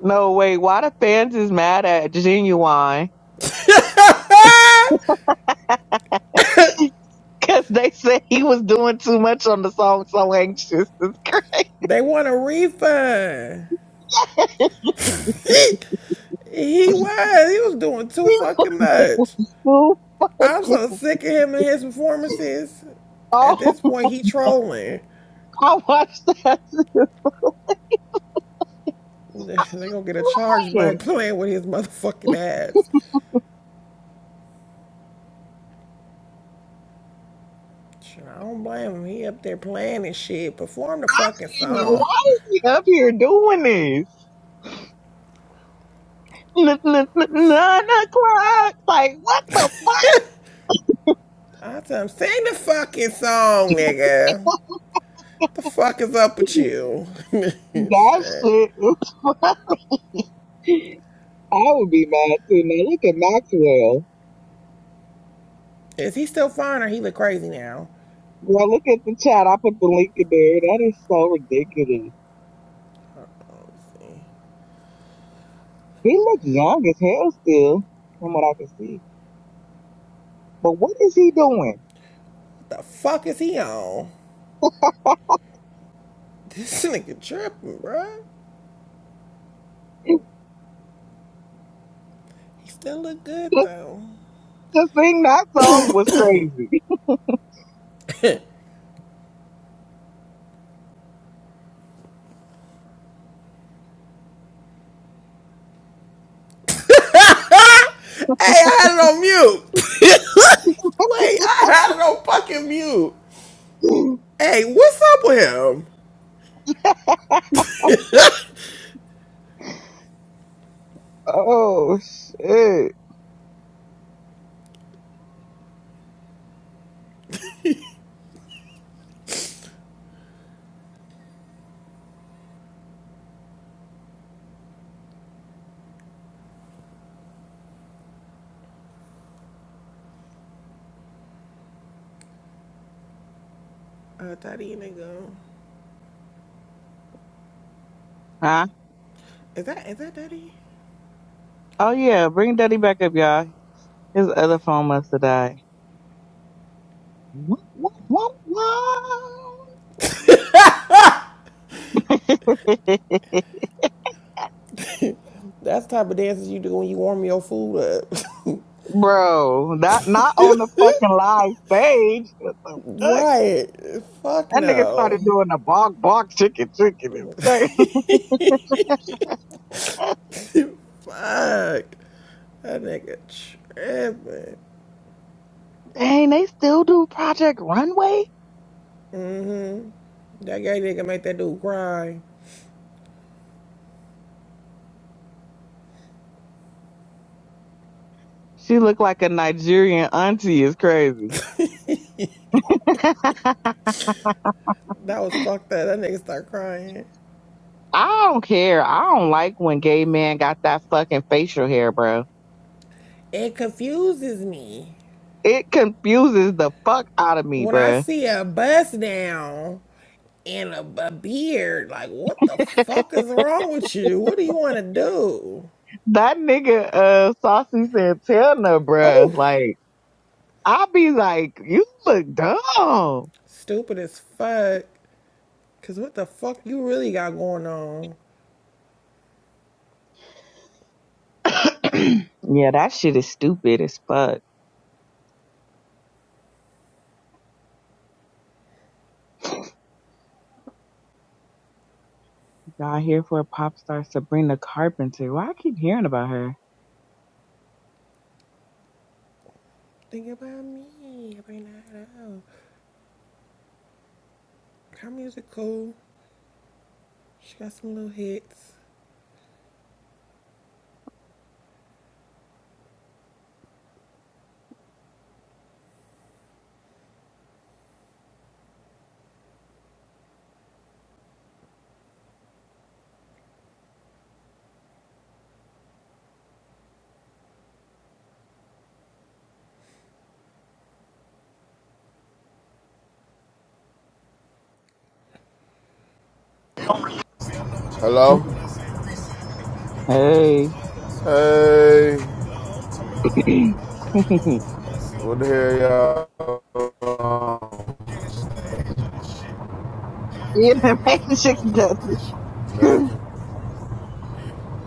Speaker 1: No, wait. Why the fans is mad at Genuine? Because they said he was doing too much on the song So Anxious. It's crazy.
Speaker 3: they want a refund. he was. He was doing too fucking much.
Speaker 1: Who
Speaker 3: I'm
Speaker 1: fucking-
Speaker 3: so sick of him and his performances. At
Speaker 1: Oh,
Speaker 3: this point, he trolling.
Speaker 1: I watched that.
Speaker 3: They gonna get a charge black playing with his motherfucking ass. I don't blame him. He up there playing and shit. Perform the fucking song.
Speaker 1: Why is he up here doing this? N- n- n- Nine o'clock. Like what the fuck?
Speaker 3: I tell him, sing the fucking song, nigga. The fuck is up with you?
Speaker 1: That
Speaker 3: Shit.
Speaker 1: shit. is- I would be mad too. Now look at Maxwell.
Speaker 3: Is he still fine or he look crazy now?
Speaker 1: Girl, look at the chat. I put the link in there. That is so ridiculous.
Speaker 3: What
Speaker 1: He looks young as hell still, from what I can see. But what is he doing?
Speaker 3: The fuck is he on? This nigga tripping, bruh. He still look good
Speaker 1: Just
Speaker 3: though.
Speaker 1: to sing that song was crazy.
Speaker 3: Hey, I had it on mute. Wait, I had it on fucking mute. Hey, what's up with him?
Speaker 1: Oh shit.
Speaker 3: Uh, daddy nigga.
Speaker 1: Huh?
Speaker 3: Is that is that daddy?
Speaker 1: Oh yeah, bring Daddy back up, y'all. His other phone must have died. Whoop, whoop, whoop, whoop.
Speaker 3: That's the type of dances you do when you warm your food up.
Speaker 1: Bro, not not on the fucking live stage. What the fuck?
Speaker 3: Right. Fuck
Speaker 1: That nigga started
Speaker 3: no.
Speaker 1: doing the bark bark chicken chicken. Okay.
Speaker 3: Fuck. That nigga tripping.
Speaker 1: Dang, they still do Project Runway?
Speaker 3: That gay nigga make that dude cry.
Speaker 1: She looked like a Nigerian auntie is crazy.
Speaker 3: That was fucked up. That nigga start crying.
Speaker 1: I don't care. I don't like when gay men got that fucking facial hair, bro.
Speaker 3: It confuses me.
Speaker 1: It confuses the fuck out of me,
Speaker 3: When I
Speaker 1: bro.
Speaker 3: see a bust down and a, a beard, like, what the fuck is wrong with you? What do you want to do?
Speaker 1: That nigga, uh, Saucy Santana, bro,
Speaker 3: Oh,
Speaker 1: Like, I be like, you look dumb.
Speaker 3: stupid as fuck. Cause what the fuck you really got going on?
Speaker 1: yeah, that shit is stupid as fuck. Y'all here for pop star Sabrina Carpenter. Why I keep hearing about her?
Speaker 3: Think about me. Every night out. Her music cool. She got some little hits.
Speaker 8: Hello?
Speaker 1: Mm-mm. Hey.
Speaker 8: Hey.
Speaker 1: you
Speaker 8: What the hell, y'all?
Speaker 1: the Matrix Dusty.
Speaker 8: Man,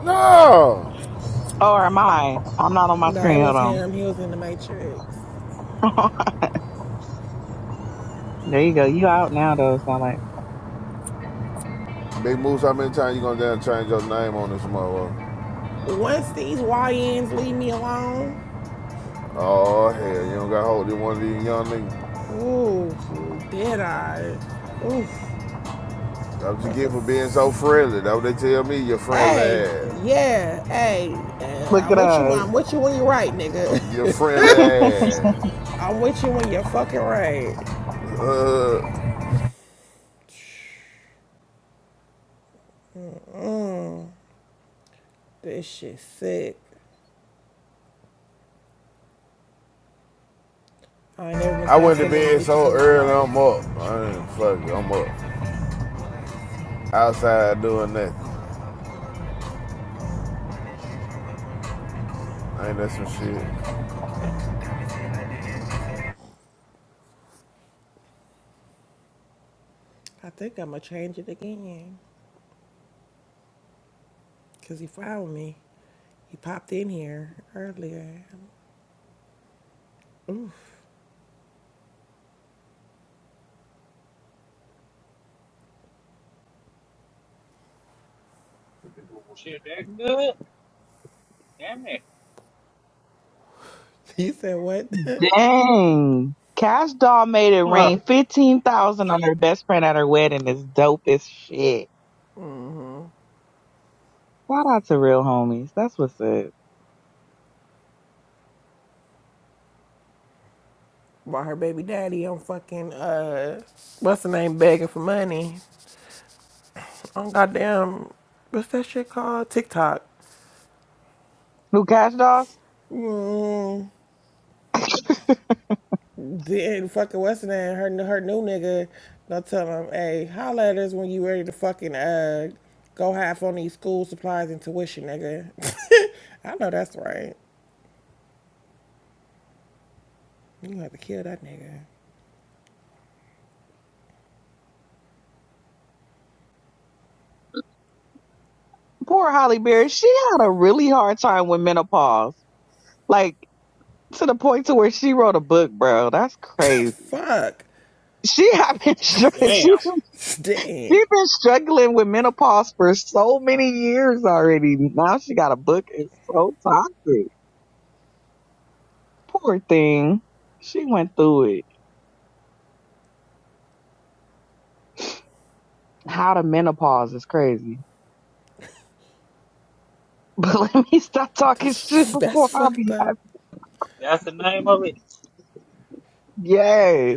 Speaker 8: No!
Speaker 1: Or am I? I'm not on my
Speaker 3: No, it
Speaker 1: screen.
Speaker 3: was
Speaker 1: Hold
Speaker 3: him. He was in the Matrix.
Speaker 1: on. there you go. You out now though. It's not like
Speaker 8: Big Moose, how many times you gonna damn change your name on this motherfucker?
Speaker 3: Once these YNs leave me alone,
Speaker 8: Oh, hell, you don't got hold of one of these young niggas.
Speaker 3: ooh, did I? Ooh,
Speaker 8: That's what you
Speaker 3: that's a.
Speaker 8: get for being so
Speaker 3: F-
Speaker 8: friendly. That's what they tell me, your friendly
Speaker 3: hey,
Speaker 8: ass.
Speaker 3: yeah, hey, uh,
Speaker 1: look
Speaker 3: I'm
Speaker 1: at
Speaker 3: with you. I'm
Speaker 1: us.
Speaker 3: with you when you're right, nigga.
Speaker 8: Your friendly ass.
Speaker 3: I'm with you when you're fucking right.
Speaker 8: Uh,
Speaker 3: This shit sick. I ain't never been
Speaker 8: I
Speaker 3: called
Speaker 8: went to
Speaker 3: so many
Speaker 8: bed
Speaker 3: bitches
Speaker 8: so
Speaker 3: in my
Speaker 8: early, I'm
Speaker 3: life.
Speaker 8: up. I ain't fuck it, I'm up. Outside doing nothing. Ain't that some shit?
Speaker 3: I think I'ma change it again. Cause he found me. He popped in here earlier.
Speaker 6: Shit, that good? Damn it.
Speaker 3: He said what?
Speaker 1: Dang. Cash Doll made it
Speaker 6: Huh,
Speaker 1: rain fifteen thousand on her best friend at her wedding. Is dope as shit. Shout out to real homies. That's what's up.
Speaker 3: Brought her baby daddy on fucking uh what's the name begging for money on goddamn what's that shit called TikTok.
Speaker 1: Who cash dolls?
Speaker 3: Then fucking what's the name her her new nigga Don't tell him hey holla at us when you ready to fucking uh go half on these school supplies and tuition nigga. I know that's right. You gonna have to kill that nigga.
Speaker 1: Poor Holly Berry. She had a really hard time with menopause. Like to the point to where she wrote a book, bro. That's crazy.
Speaker 3: Fuck.
Speaker 1: She had been str- she
Speaker 6: Damn.
Speaker 1: been, she
Speaker 3: Dang.
Speaker 1: been struggling with menopause for so many years already. Now she got a book. It's so toxic. Poor thing. She went through it. How to menopause is crazy. But let me stop talking shit
Speaker 3: That's that's
Speaker 1: before I
Speaker 3: fucked
Speaker 1: be.
Speaker 3: up.
Speaker 6: That's the name of it?
Speaker 1: Yes.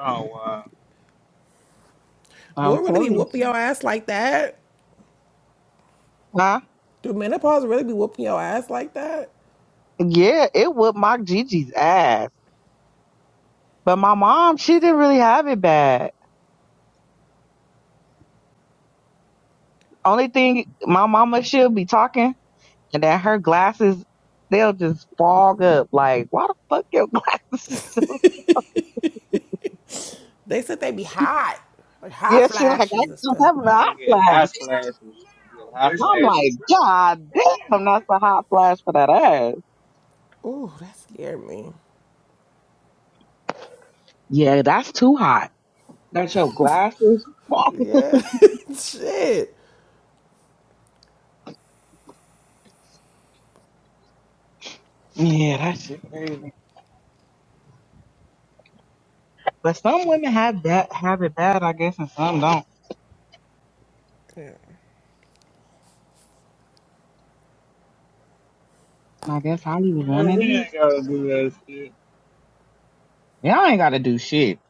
Speaker 6: Oh,
Speaker 3: Do
Speaker 1: I'm
Speaker 3: it really be
Speaker 1: telling you.
Speaker 3: whooping your ass like that?
Speaker 1: Huh?
Speaker 3: Do menopause really be whooping your ass like that?
Speaker 1: Yeah, it would mock Gigi's ass. But my mom, she didn't really have it bad. Only thing my mama, she'll be talking and then her glasses, they'll just fog up. Like, why the fuck your glasses?
Speaker 3: They said they be hot, like hot
Speaker 1: yeah, she like, I
Speaker 3: flashes and
Speaker 1: just
Speaker 3: stuff.
Speaker 1: have a hot flash.
Speaker 6: wow.
Speaker 1: I'm like, God damn, that's a hot flash for that ass.
Speaker 3: Ooh, that scared me.
Speaker 1: Yeah, that's too hot. That's your glasses.
Speaker 3: Yeah, shit.
Speaker 1: yeah, that shit crazy. But some women have that have it bad, I guess, and some don't. And I guess I was one
Speaker 6: Man,
Speaker 1: of
Speaker 6: we
Speaker 1: these.
Speaker 6: ain't gotta do that shit.
Speaker 1: Y'all ain't gotta do shit.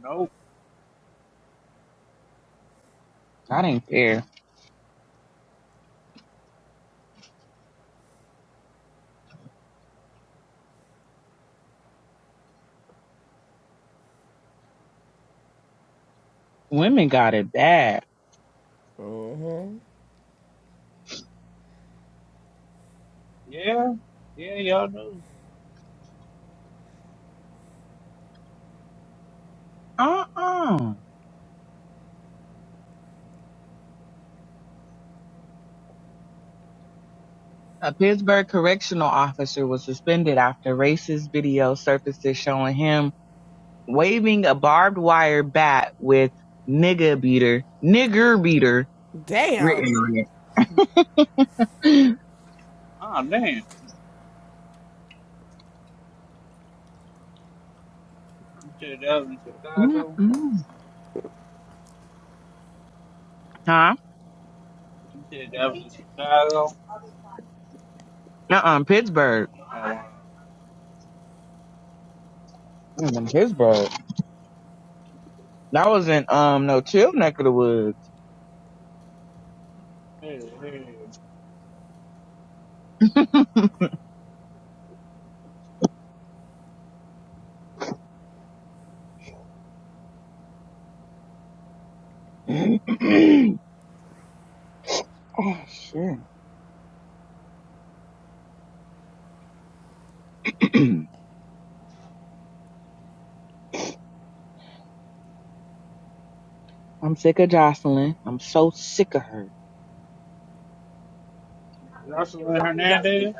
Speaker 6: Nope.
Speaker 1: That ain't fair. Women got it bad.
Speaker 6: Yeah. Yeah, y'all do.
Speaker 1: Uh-uh. A Pittsburgh correctional officer was suspended after racist video surfaces showing him waving a barbed wire bat with nigger beater, nigger beater written
Speaker 3: Damn.
Speaker 1: on it. Mm-mm. Huh? Uh-uh, Pittsburgh. It was In Pittsburgh. That was in um no chill neck of the woods. oh shit. I'm sick of Jocelyn. I'm so sick of her.
Speaker 6: But Hernandez,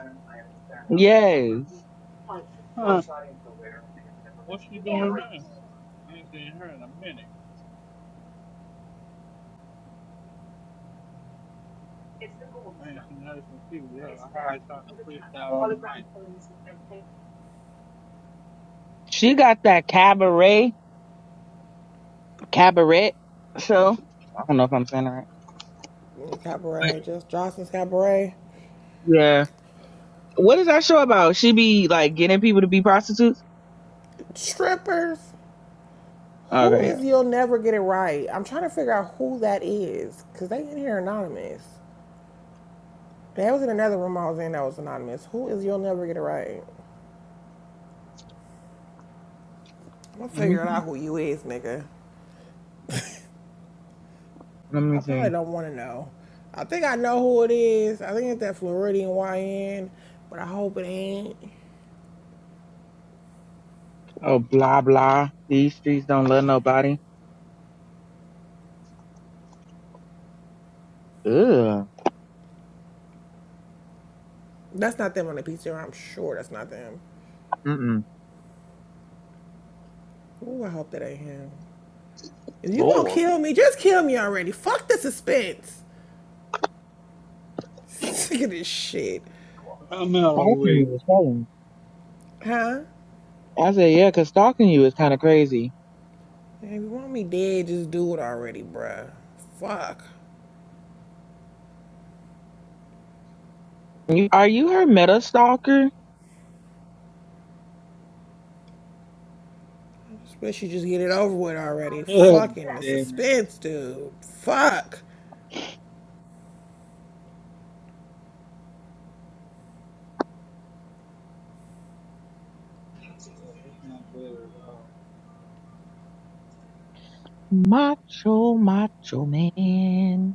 Speaker 1: Yes.
Speaker 6: huh? What's she doing now? I ain't seen her in a minute. ain't seen her since she was out.
Speaker 1: She got that cabaret, cabaret show. I don't know if I'm saying that right.
Speaker 3: Cabaret, just Johnson's Cabaret.
Speaker 1: Yeah. What is that show about? She be like getting people to be prostitutes?
Speaker 3: Strippers. Who
Speaker 1: Okay, yeah.
Speaker 3: is You'll Never Get It Right? I'm trying to figure out who that is because they in here anonymous. That was in another room I was in that was anonymous. Who is You'll Never Get It Right? I'm gonna
Speaker 1: Let me
Speaker 3: figure it out who you is, nigga.
Speaker 1: let me
Speaker 3: I
Speaker 1: see.
Speaker 3: probably don't want to know. I think I know who it is. I think it's that Floridian YN, but I hope it ain't.
Speaker 1: Oh, blah blah. These streets don't love nobody. Ugh.
Speaker 3: That's not them on the pizza. I'm sure that's not them.
Speaker 1: Mm-mm.
Speaker 3: Ooh, I hope that ain't him. If you gonna
Speaker 1: Lord.
Speaker 3: kill me, just kill me already. Fuck the suspense. Sick of this shit.
Speaker 6: I'm out of
Speaker 1: Stalking
Speaker 6: week.
Speaker 1: you is wrong.
Speaker 3: Huh?
Speaker 1: I said, yeah, 'cause stalking you is kind of crazy.
Speaker 3: If you want me dead, just do it already, bruh. Fuck.
Speaker 1: You, are you her meta stalker?
Speaker 3: I just wish you just get it over with already.
Speaker 6: God
Speaker 3: Fucking the
Speaker 6: damn it.
Speaker 3: suspense, dude. Fuck.
Speaker 1: Macho, macho man.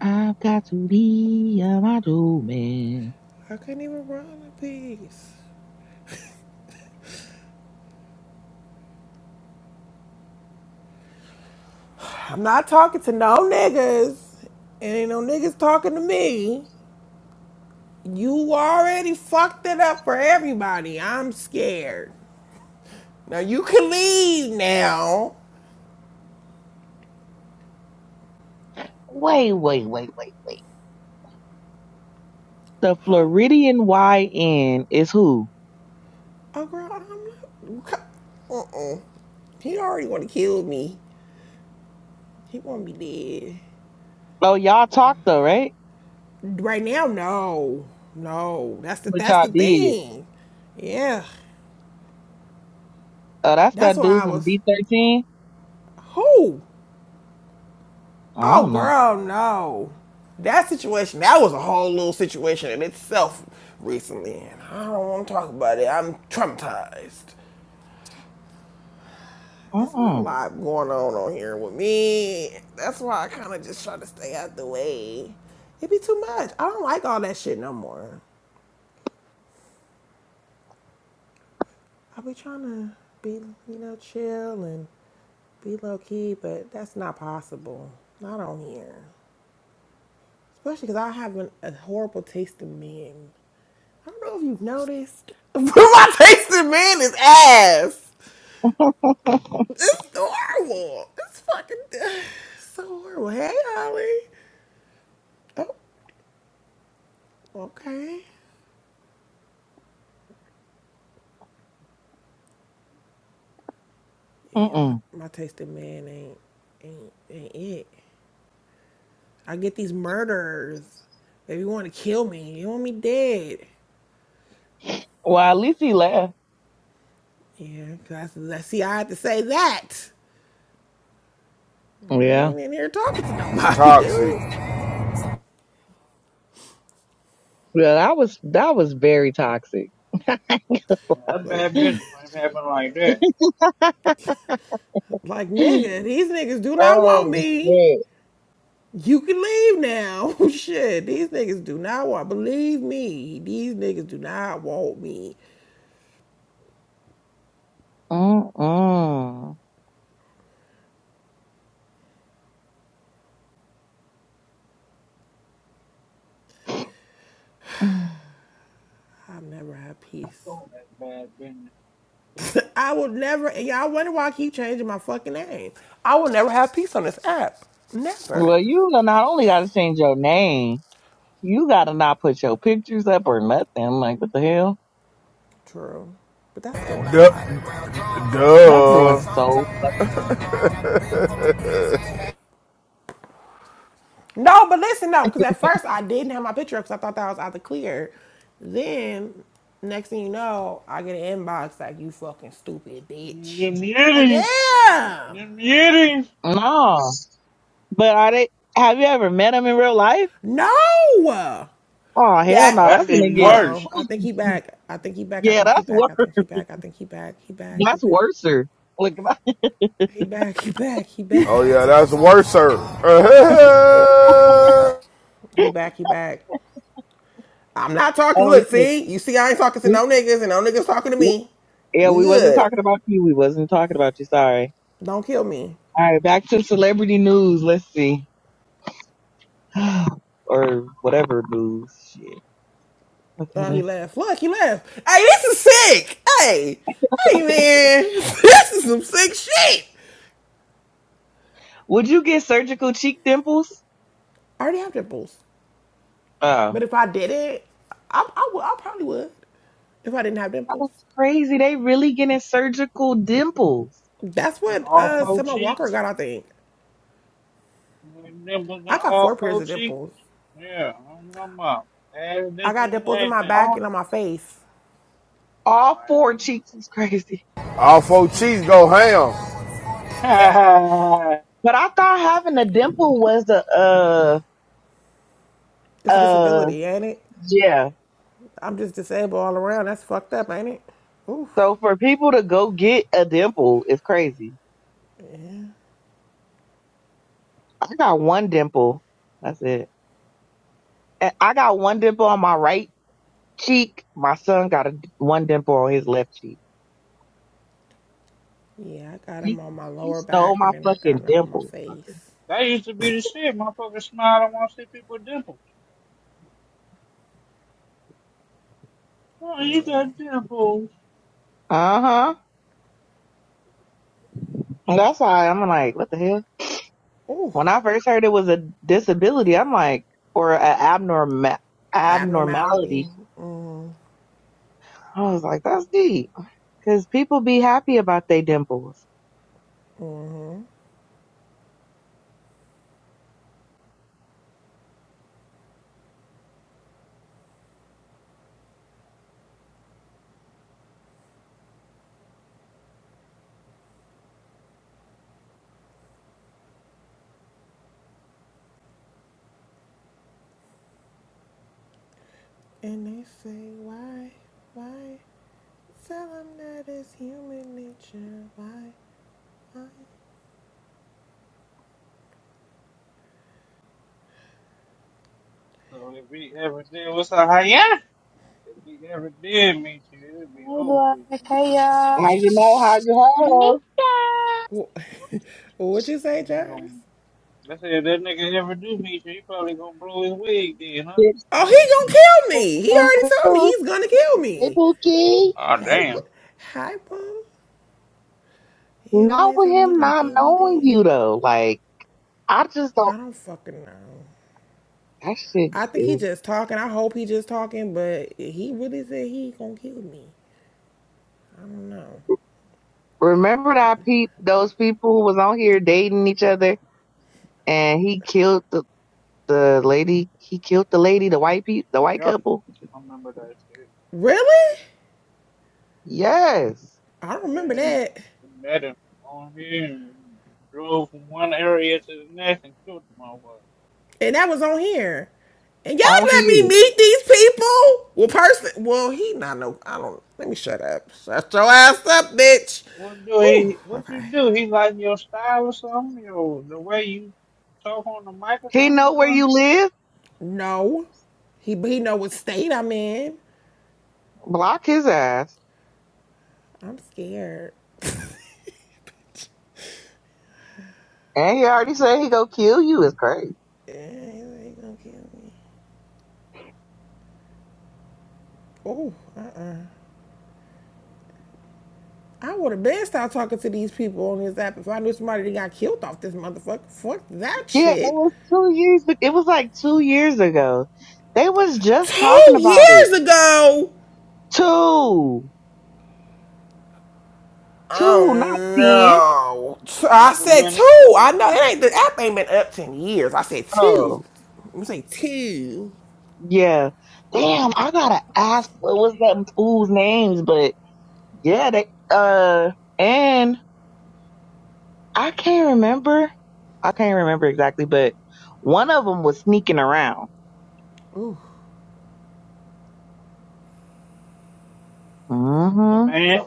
Speaker 1: I've got to be a model man.
Speaker 3: I couldn't even run in peace. I'm not talking to no niggas. And ain't no niggas talking to me. You already fucked it up for everybody. I'm scared. Now you can leave now.
Speaker 1: Wait, wait, wait, wait, wait. The
Speaker 3: Huh?
Speaker 1: Floridian YN is who?
Speaker 3: Oh girl, I'm not uh uh. He already wanna kill me. He want me dead.
Speaker 1: Oh, y'all talked though, right?
Speaker 3: Right now, no. No. That's the
Speaker 1: But
Speaker 3: that's
Speaker 1: y'all
Speaker 3: the
Speaker 1: did.
Speaker 3: thing. Yeah.
Speaker 1: Oh, that's
Speaker 3: That's
Speaker 1: that
Speaker 3: why
Speaker 1: dude
Speaker 3: I
Speaker 1: from
Speaker 3: was
Speaker 1: B13?
Speaker 3: who?
Speaker 1: I
Speaker 3: Oh,
Speaker 1: don't know.
Speaker 3: girl, no. That situation, that was a whole little situation in itself recently, and I don't want to talk about it. I'm traumatized. There's been a
Speaker 1: Mm-mm.
Speaker 3: lot going on on here with me. That's why I kind of just try to stay out the way. It be too much. I don't like all that shit no more. I be trying to be, you know, chill and be low key, but that's not possible. Not on here. Especially because I have an, a horrible taste in men. I don't know if you've noticed, but my taste man is ass. It's horrible. It's fucking it's so horrible. Hey, Holly. Oh, okay. Yeah, my,
Speaker 1: Mm-mm.
Speaker 3: my taste man ain't, ain't ain't it. I get these murderers. They be want to kill me. You want me dead?
Speaker 1: Well, at least he laughed.
Speaker 3: Yeah, cause I, I see. I had to say that. I
Speaker 1: Yeah.
Speaker 3: ain't in here talking to
Speaker 8: It's
Speaker 3: nobody,
Speaker 8: toxic.
Speaker 3: dude.
Speaker 1: Yeah, that was, that was very toxic.
Speaker 6: That's
Speaker 3: Like,
Speaker 6: bad business when it happened like that.
Speaker 3: like nigga, these niggas do not want
Speaker 1: oh,
Speaker 3: me.
Speaker 1: shit.
Speaker 3: You can leave now. Shit, these niggas do not want. Believe me, these niggas do not want me.
Speaker 1: Mm-mm. Mm.
Speaker 3: i will never have peace. I will never. And y'all wonder why I keep changing my fucking name. I will never have peace on this app. Never.
Speaker 1: Well, you know, not only got to change your name, You gotta not put your pictures up or nothing. I'm Like, what the hell?
Speaker 3: True, but that's doing a
Speaker 8: Yup.
Speaker 3: lot.
Speaker 1: That's doing
Speaker 8: Duh.
Speaker 1: so fucking much.
Speaker 3: No, but listen no, because at first I didn't have my picture up because I thought that I was out the clear. Then next thing you know, I get an inbox like you fucking stupid bitch.
Speaker 6: Them
Speaker 3: Like
Speaker 6: yitties.
Speaker 3: damn.
Speaker 6: Them yitties.
Speaker 1: No. But are they, have you ever met them in real life?
Speaker 3: No.
Speaker 1: Oh, hell
Speaker 6: Oh,
Speaker 3: That.
Speaker 1: no. That's
Speaker 6: that's
Speaker 1: when it
Speaker 6: even
Speaker 3: Hold
Speaker 1: gets,
Speaker 3: on.
Speaker 6: worse.
Speaker 3: I think he back. I think he back. I
Speaker 1: yeah,
Speaker 3: think he
Speaker 1: that's worse.
Speaker 3: back. I think he back. I think he back. He back. He
Speaker 1: That's
Speaker 3: back.
Speaker 1: worser. Like,
Speaker 3: He back. He back. He
Speaker 8: Oh
Speaker 3: back.
Speaker 8: yeah, that's worse, sir.
Speaker 3: He back. He back. I'm not talking.
Speaker 1: oh
Speaker 3: Look,
Speaker 1: shit.
Speaker 3: see, you see, I ain't talking to
Speaker 1: We,
Speaker 3: no niggas, and no niggas talking to
Speaker 1: w-
Speaker 3: me.
Speaker 1: yeah,
Speaker 3: We
Speaker 1: we wasn't
Speaker 3: good.
Speaker 1: talking about you. We wasn't talking about you. Sorry.
Speaker 3: Don't kill me.
Speaker 1: All right. Back to celebrity news. Let's see. or whatever news. Shit. Okay,
Speaker 3: Oh, he
Speaker 1: let's.
Speaker 3: left. Look, he left. Hey, this is sick. Hey, hey, man, this is some sick shit.
Speaker 1: Would you get surgical cheek dimples?
Speaker 3: I already have dimples.
Speaker 1: Oh.
Speaker 3: But if I didn't, I, I would. I probably would. If I didn't have dimples,
Speaker 1: It's crazy. They really getting surgical dimples.
Speaker 3: that's
Speaker 6: And
Speaker 3: what
Speaker 6: all
Speaker 3: uh
Speaker 6: four
Speaker 3: Summer Walker
Speaker 6: cheeks.
Speaker 3: got. I think
Speaker 6: Them dimples
Speaker 3: I
Speaker 6: and
Speaker 3: got
Speaker 6: all
Speaker 3: four pairs
Speaker 6: four
Speaker 3: of
Speaker 6: cheeks.
Speaker 3: dimples.
Speaker 6: Yeah, I'm talking about. Ass
Speaker 3: I got
Speaker 6: dimples and
Speaker 3: dimples in my
Speaker 6: everything.
Speaker 3: back
Speaker 1: All,
Speaker 3: and on my face.
Speaker 1: all
Speaker 6: Y'all
Speaker 1: four
Speaker 6: ain't-
Speaker 1: cheeks is crazy.
Speaker 8: All four cheese go ham.
Speaker 6: Ha ha
Speaker 1: But I thought having a dimple was a uh
Speaker 3: It's a
Speaker 1: uh
Speaker 3: disability, ain't it?
Speaker 1: yeah.
Speaker 3: I'm just disabled all around. That's fucked up, ain't it? Ooh.
Speaker 1: So for people to go get a dimple is crazy. I got one dimple. That's it. And I got one dimple on my right cheek. My son got a one dimple on his left cheek.
Speaker 3: Yeah, I got
Speaker 1: He,
Speaker 3: them on my
Speaker 1: he
Speaker 3: lower
Speaker 1: stole
Speaker 3: back
Speaker 1: my
Speaker 3: and then I
Speaker 1: fucking
Speaker 3: got them on my
Speaker 1: dimple.
Speaker 3: face.
Speaker 6: That used to be the shit. Motherfuckers smile. I want to see people dimples. Oh, you got dimples.
Speaker 1: Uh huh. That's why I'm like, what the hell? When I first heard it was a disability, I'm like, or an abnormal
Speaker 3: Abnormality.
Speaker 1: abnormality. I was like, that's deep because people be happy about their dimples.
Speaker 3: And they say, why, why? Tell them that it's human nature. Why, why?
Speaker 6: So if we ever did, what's up, hiya? If we ever did meet you, it'd be
Speaker 9: Hi,
Speaker 6: over with.
Speaker 9: Black.
Speaker 6: Then.
Speaker 9: Hey,
Speaker 6: I ain't
Speaker 9: y'all.
Speaker 1: Now you
Speaker 6: gonna,
Speaker 1: know how you
Speaker 9: Nika.
Speaker 3: Wha- What'd you say,
Speaker 6: I ain't
Speaker 3: Jairus?
Speaker 6: gonna, I said, if that nigga ever do meet you, he probably gonna blow his wig then, huh?
Speaker 3: Oh, he gonna kill me. He
Speaker 1: have
Speaker 3: already told me he's gonna kill me.
Speaker 1: People key.
Speaker 6: Oh,
Speaker 3: Hey,
Speaker 6: damn.
Speaker 3: bu- hi, bro. Yeah, that
Speaker 1: Not
Speaker 3: man
Speaker 1: with
Speaker 3: told me he
Speaker 1: him
Speaker 3: gonna
Speaker 1: not
Speaker 3: kill me
Speaker 1: knowing
Speaker 3: dead.
Speaker 1: you though. Like I just don't
Speaker 3: I don't fucking know.
Speaker 1: that shit
Speaker 3: I think he
Speaker 1: is
Speaker 3: just talking. I hope he just talking, but he really said he gonna kill me. I don't know.
Speaker 1: remember that peep those people who was on here dating each other and he killed the, the lady he killed the lady, the white peep the white couple.
Speaker 3: Really?
Speaker 1: Yes,
Speaker 3: I don't remember
Speaker 6: Yeah.
Speaker 3: that.
Speaker 6: met him on here and drove from one area to the next and killed the motherfucker.
Speaker 3: and that was on here. And y'all
Speaker 1: on
Speaker 3: let me
Speaker 1: here.
Speaker 3: meet these people. Well, person, well, he not no. I don't. Let me shut up. Shut your ass up, bitch.
Speaker 6: What do
Speaker 3: Ooh,
Speaker 6: he? What you
Speaker 3: okay.
Speaker 6: do? He like your style or something? Your the way you talk on the mic or
Speaker 1: He
Speaker 6: something?
Speaker 1: know where
Speaker 6: Well,
Speaker 1: you live.
Speaker 3: No, he he know what state I'm in.
Speaker 1: Block his ass.
Speaker 3: I'm scared.
Speaker 1: And he already said he go kill you. It's crazy.
Speaker 3: Yeah, he ain't gonna kill me. Oh, I, would have been start talking to these people on this app if I knew somebody that got killed off this motherfucker. Fuck that
Speaker 1: Yeah, it
Speaker 3: shit.
Speaker 1: was two years. It was like two years ago. They was just
Speaker 3: Two
Speaker 1: talking about it.
Speaker 3: years ago.
Speaker 1: Two,
Speaker 3: Oh
Speaker 1: two, not ten.
Speaker 3: no. I said two. I know it ain't the app ain't been up ten years. I said
Speaker 1: Oh,
Speaker 3: two. I'm saying two.
Speaker 1: yeah. Damn, I gotta ask what was that fool's names, but yeah, they uh, and I can't remember. I can't remember exactly, but one of them was sneaking around. Mm-hmm.
Speaker 6: the man,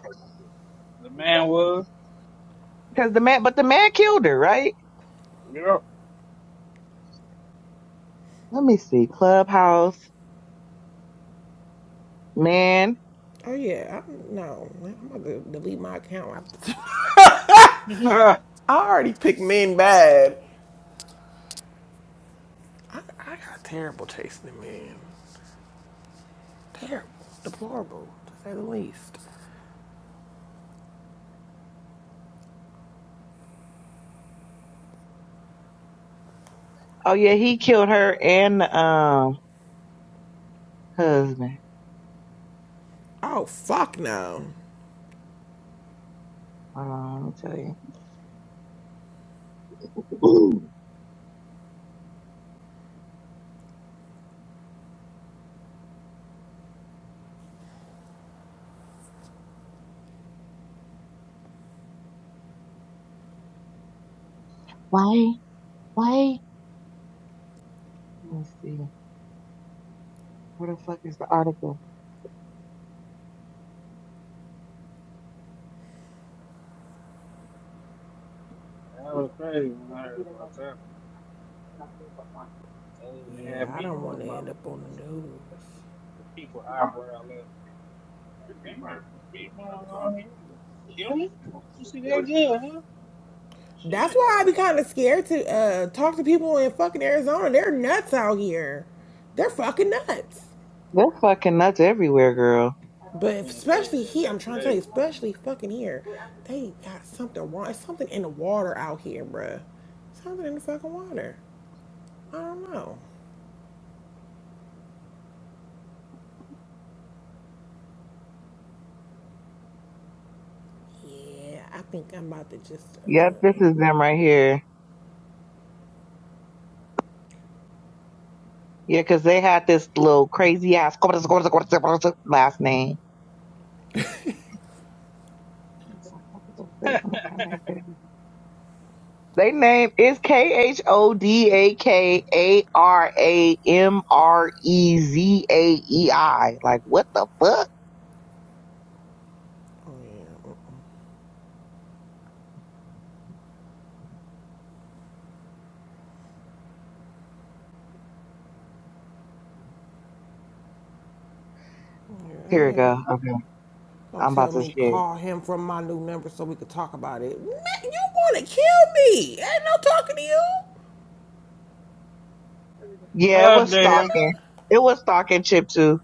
Speaker 6: the man was.
Speaker 1: Because the man, but the man killed her, right?
Speaker 6: You know,
Speaker 1: Let me see. Clubhouse man.
Speaker 3: Oh yeah, I no. I'm about to delete my account.
Speaker 6: that
Speaker 3: I already picked men bad. I, I got terrible taste in men. Terrible. Deplorable, to say the least.
Speaker 1: Oh yeah, he killed her and the um husband.
Speaker 3: Oh fuck no.
Speaker 1: Hold on, let me tell you. Why? Why? Let me see. Where the fuck is the article?
Speaker 6: was crazy when started. They even
Speaker 3: Yeah,
Speaker 6: had
Speaker 3: I don't wanna end up on the news.
Speaker 6: people eyebrow up. Damn, you beat one on here. Kill me? You see that good, huh?
Speaker 3: That's why I be kind of scared to uh, talk to people in fucking Arizona. They're nuts out here. They're fucking nuts.
Speaker 1: They're fucking nuts everywhere, girl.
Speaker 3: But especially here, I'm trying to tell you, especially fucking here, they got something wrong. It's something in the water out here, bruh. Something in the fucking water. I don't know. Yeah, I think I'm about to just. Uh,
Speaker 1: Yep, this is them right here. Yeah, cause they had this little crazy ass last name. They name is K H O D A K A R A M R E Z A E I. Like what the fuck?
Speaker 3: oh yeah, yeah, that
Speaker 1: Here we go.
Speaker 3: nigga.
Speaker 1: Okay.
Speaker 3: Don't
Speaker 1: I'm about
Speaker 3: tell
Speaker 1: to
Speaker 3: me
Speaker 1: shit.
Speaker 3: call him from my new number so we could talk about it. Man, you want to kill me? Ain't no talking to you,
Speaker 1: Yeah, it was
Speaker 6: God damn.
Speaker 1: stalking.
Speaker 3: nigga.
Speaker 1: It was stalking Chip too.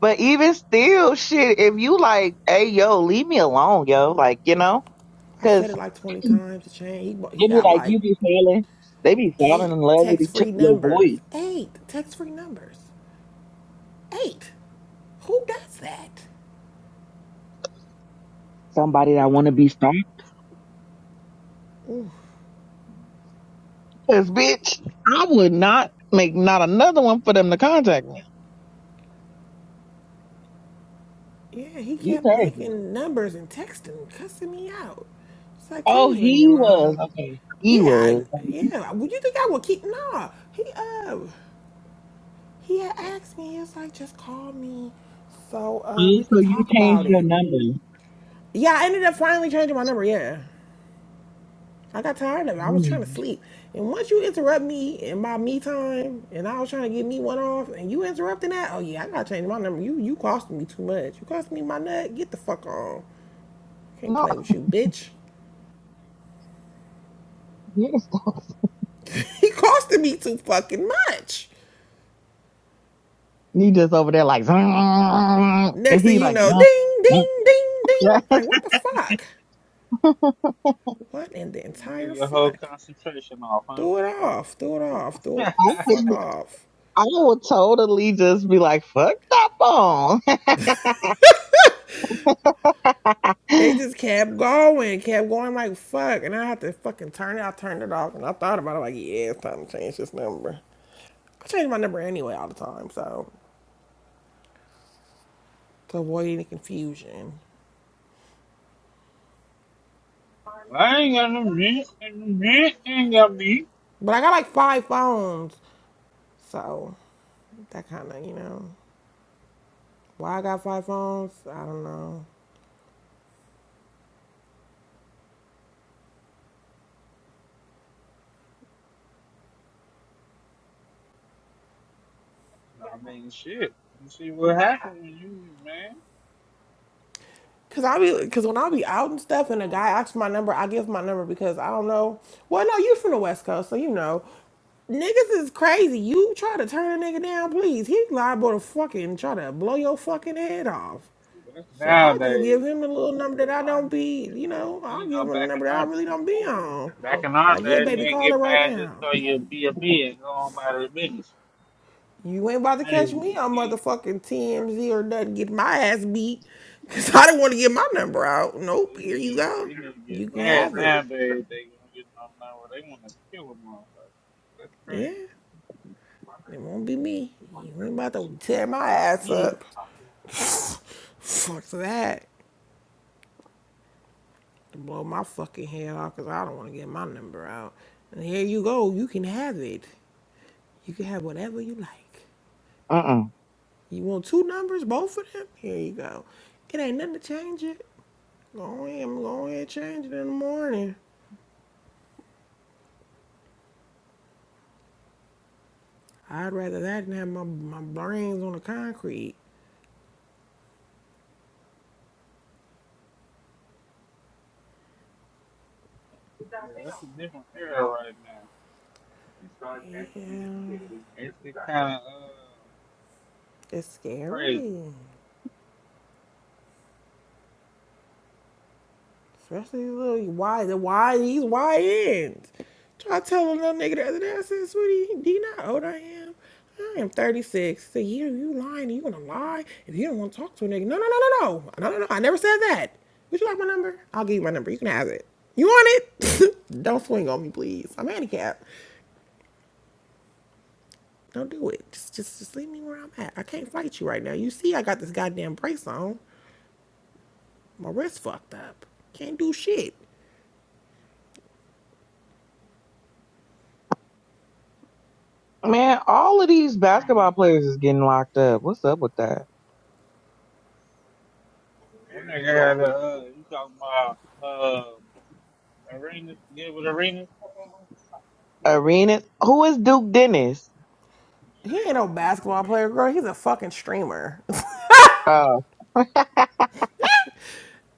Speaker 1: But even still, shit, if you like, hey yo, leave me alone, yo. Like, you know?
Speaker 3: I said
Speaker 1: Cause
Speaker 3: it like 20 times to Shane. He, he
Speaker 1: it be
Speaker 3: got
Speaker 1: like
Speaker 3: like
Speaker 1: you be falling. They be falling
Speaker 3: eight
Speaker 1: in love with
Speaker 3: text
Speaker 1: each
Speaker 3: free
Speaker 1: your
Speaker 3: numbers.
Speaker 1: voice.
Speaker 3: Eight text free numbers. Eight. Who does that?
Speaker 1: Somebody that wanna be stalked. Cause bitch, I would not make not another one for them to contact me.
Speaker 3: Yeah, he
Speaker 1: You
Speaker 3: kept
Speaker 1: crazy.
Speaker 3: making numbers and texting, cussing me out. It's like,
Speaker 1: Oh,
Speaker 3: please leave me
Speaker 1: he was.
Speaker 3: alone.
Speaker 1: Okay. He
Speaker 3: Yeah, I,
Speaker 1: was.
Speaker 3: yeah. Would you think I would keep? Nah. He uh, he had asked me. He was like, just call me, so uh,
Speaker 1: Oh,
Speaker 3: we
Speaker 1: so
Speaker 3: could
Speaker 1: you
Speaker 3: talk
Speaker 1: changed
Speaker 3: about
Speaker 1: your
Speaker 3: it.
Speaker 1: number.
Speaker 3: Yeah, I ended up finally changing my number. Yeah. I got tired of it. I was trying to
Speaker 1: Mm.
Speaker 3: sleep. And once you interrupt me in my me time and I was trying to get me one off and you interrupting that, oh yeah, I gotta change my number. You you costing me too much. You costing me my nut, get the fuck on. Can't
Speaker 1: No.
Speaker 3: play with you, bitch. he costing me too fucking much.
Speaker 1: He just over there like, "Zzzz," and
Speaker 3: Next thing
Speaker 1: he
Speaker 3: you
Speaker 1: like,
Speaker 3: know, ding,
Speaker 1: "Zzzz,
Speaker 3: ding, ding, ding.
Speaker 1: zzzz."
Speaker 3: Like what the fuck? What in the
Speaker 6: And threw
Speaker 3: entire
Speaker 6: your whole
Speaker 3: fuck?
Speaker 6: concentration off, huh?
Speaker 3: Throw it off, throw it off, throw it the
Speaker 1: I
Speaker 3: fuck
Speaker 1: would,
Speaker 3: off.
Speaker 1: I would totally just be like, fuck that phone.
Speaker 3: It just kept going, kept going like fuck, and I had to fucking turn it. I turned it off, and I thought about it like, yeah, it's time to change this number. I change my number anyway all the time, so to avoid any confusion.
Speaker 6: Well, I ain't got no beat, and no beat ain't got beat.
Speaker 3: But I got like five phones, so that kind of you know why I got five phones. I don't know.
Speaker 6: I mean, shit. You see what happens when you, man?
Speaker 3: Cause I be, cause when I be out and stuff, and a guy asks my number, I give my number because I don't know. Well, no, you from the West Coast, so you know, niggas is crazy. You try to turn a nigga down, please. He liable to fucking try to blow your fucking head off.
Speaker 6: That's
Speaker 3: So I'll just
Speaker 6: nowadays.
Speaker 3: give him the little number that I don't be, you know, I'll
Speaker 6: You
Speaker 3: give
Speaker 6: know,
Speaker 3: him the
Speaker 6: back in
Speaker 3: number that I
Speaker 6: our
Speaker 3: really don't be on.
Speaker 6: back in our
Speaker 3: Like, yeah,
Speaker 6: day,
Speaker 3: baby, call her
Speaker 6: nigga
Speaker 3: right
Speaker 6: man just
Speaker 3: now.
Speaker 6: so you be a bitch, go on by the business.
Speaker 3: You ain't about to
Speaker 6: Now they
Speaker 3: catch
Speaker 6: want to
Speaker 3: me
Speaker 6: kill
Speaker 3: on
Speaker 6: you.
Speaker 3: motherfucking TMZ or nothing. Get my ass beat. Because I didn't want to get my number out.
Speaker 6: So
Speaker 3: Nope.
Speaker 6: they
Speaker 3: Here you
Speaker 6: need they
Speaker 3: go.
Speaker 6: need to get
Speaker 3: You can
Speaker 6: mad
Speaker 3: have it.
Speaker 6: nowadays. They gonna get no now where they want to kill a motherfucker. That's
Speaker 3: Yeah.
Speaker 6: crazy.
Speaker 3: It won't be me. You ain't about to tear my ass
Speaker 6: Hmm.
Speaker 3: up. Fuck that. Blow my fucking head off because I don't want to get my number out. And here you go. You can have it. You can have whatever you like.
Speaker 1: uh
Speaker 3: You want two numbers, both of them? Here you go. It ain't nothing to change it. Go ahead, I'm going to change it in the morning. I'd rather that than have my, my brains on the concrete.
Speaker 6: That's a different era right now.
Speaker 3: Yeah,
Speaker 6: Kind of uh,
Speaker 3: it's
Speaker 6: crazy.
Speaker 3: scary. Especially these little wide, the wide, these wide ends. Try telling that nigga the other day, I said, sweetie, do you not know old I am? I am 36. So you you lying, you gonna lie if you don't wanna talk to a nigga. No, no, no, no, no. No, no, no. I never said that. Would you like my number? I'll give you my number. You can have it. You want it? don't swing on me, please. I'm handicapped. Don't do it. Just just just leave me where I'm at. I can't fight you right now. You see I got this goddamn brace on. My wrist fucked up. Can't do shit.
Speaker 1: Man, all of these basketball players is getting locked up. What's up with that?
Speaker 6: That nigga had a uh, you talking about uh arenas? Get with arenas?
Speaker 1: Arenas. Who is Duke Dennis?
Speaker 3: He ain't no basketball player, girl. He's a fucking streamer.
Speaker 1: Oh,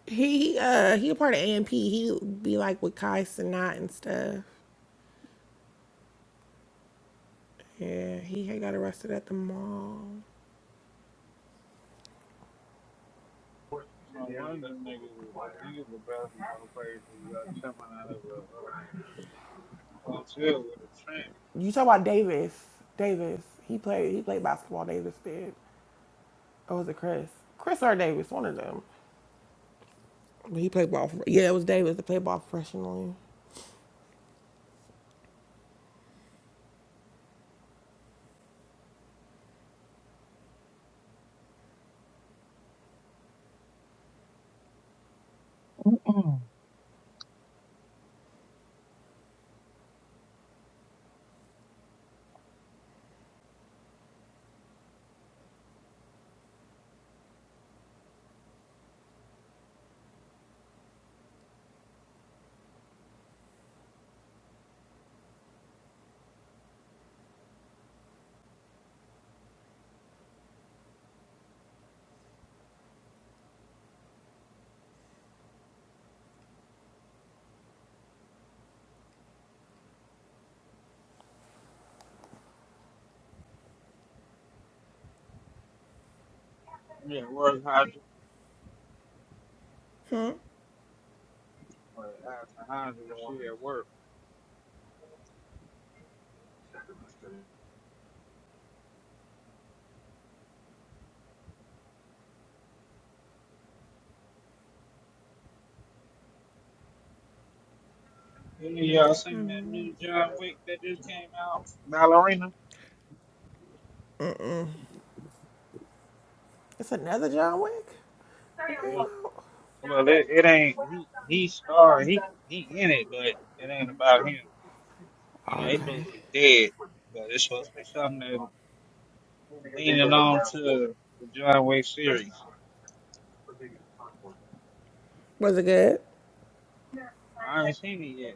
Speaker 3: he uh he a part of AMP. He be like with Kai Sinat and stuff. Yeah, he had got arrested at the mall.
Speaker 6: No wonder niggas, niggas the basketball players is, uh, coming out of a uh, hotel with a train.
Speaker 3: You talk about Davis. Davis. He played he played basketball, Davis did. Or was it Chris? Chris or Davis, one of them. But He played ball for, yeah, it was Davis that played ball professionally.
Speaker 6: Yeah, where's Hodges? Where's Hodges? She at work. Any of y'all seen that new John Wick that just came out? Ballerina.
Speaker 3: It's another John Wick that
Speaker 6: Yeah.
Speaker 3: came out.
Speaker 6: Well, it, it ain't. He, he starred. He he in it, but it ain't about him. You know, he's supposed
Speaker 3: Okay.
Speaker 6: to be dead, but it's supposed to be something that, to the John Wick series.
Speaker 3: Was it good?
Speaker 6: I ain't seen it yet.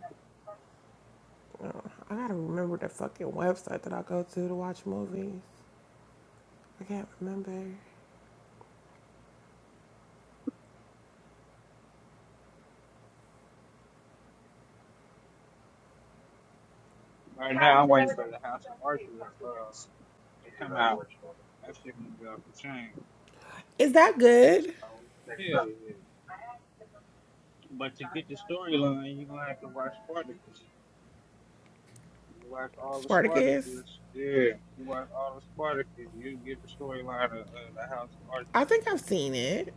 Speaker 3: I gotta remember the fucking website that I go to to watch movies. I can't remember.
Speaker 6: Right now, the house uh, it come out. That shit gonna be off the chain.
Speaker 3: Is that good?
Speaker 6: Yeah, but to get the storyline, you gonna have to watch part of it. You watch all the
Speaker 3: Spartacus?
Speaker 6: Spartacus. Yeah. You watch all the Spartacus. You get the storyline of uh, the House of Archer.
Speaker 3: I think I've seen it.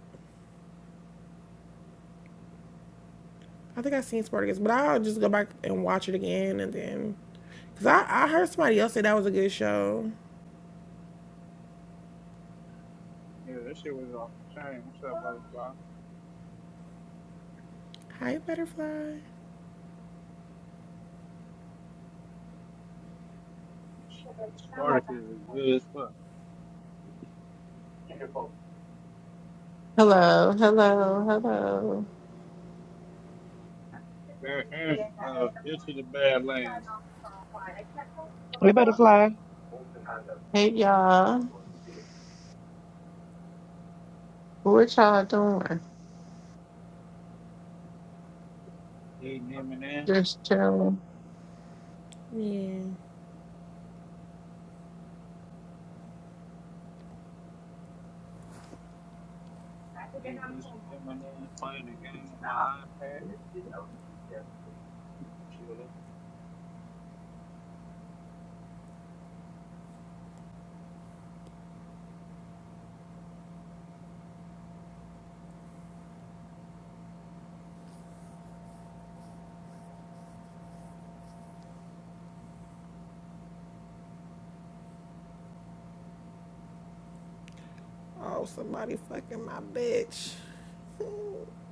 Speaker 3: I think I've seen Spartacus, but I'll just go back and watch it again and then. Because I, I heard somebody else say that was a good show.
Speaker 6: Yeah, that shit was off the chain. What's up, brother?
Speaker 3: Hi, Butterfly.
Speaker 6: is good as fuck.
Speaker 10: Hello, hello, hello.
Speaker 6: They're in- into the bad lane.
Speaker 1: they better fly.
Speaker 10: Hey y'all. What y'all doing?
Speaker 6: Eating M&M's.
Speaker 10: Just chilling.
Speaker 3: Yeah.
Speaker 6: M&M's playing a game on my iPad.
Speaker 3: Oh, somebody fucking my bitch. Damn,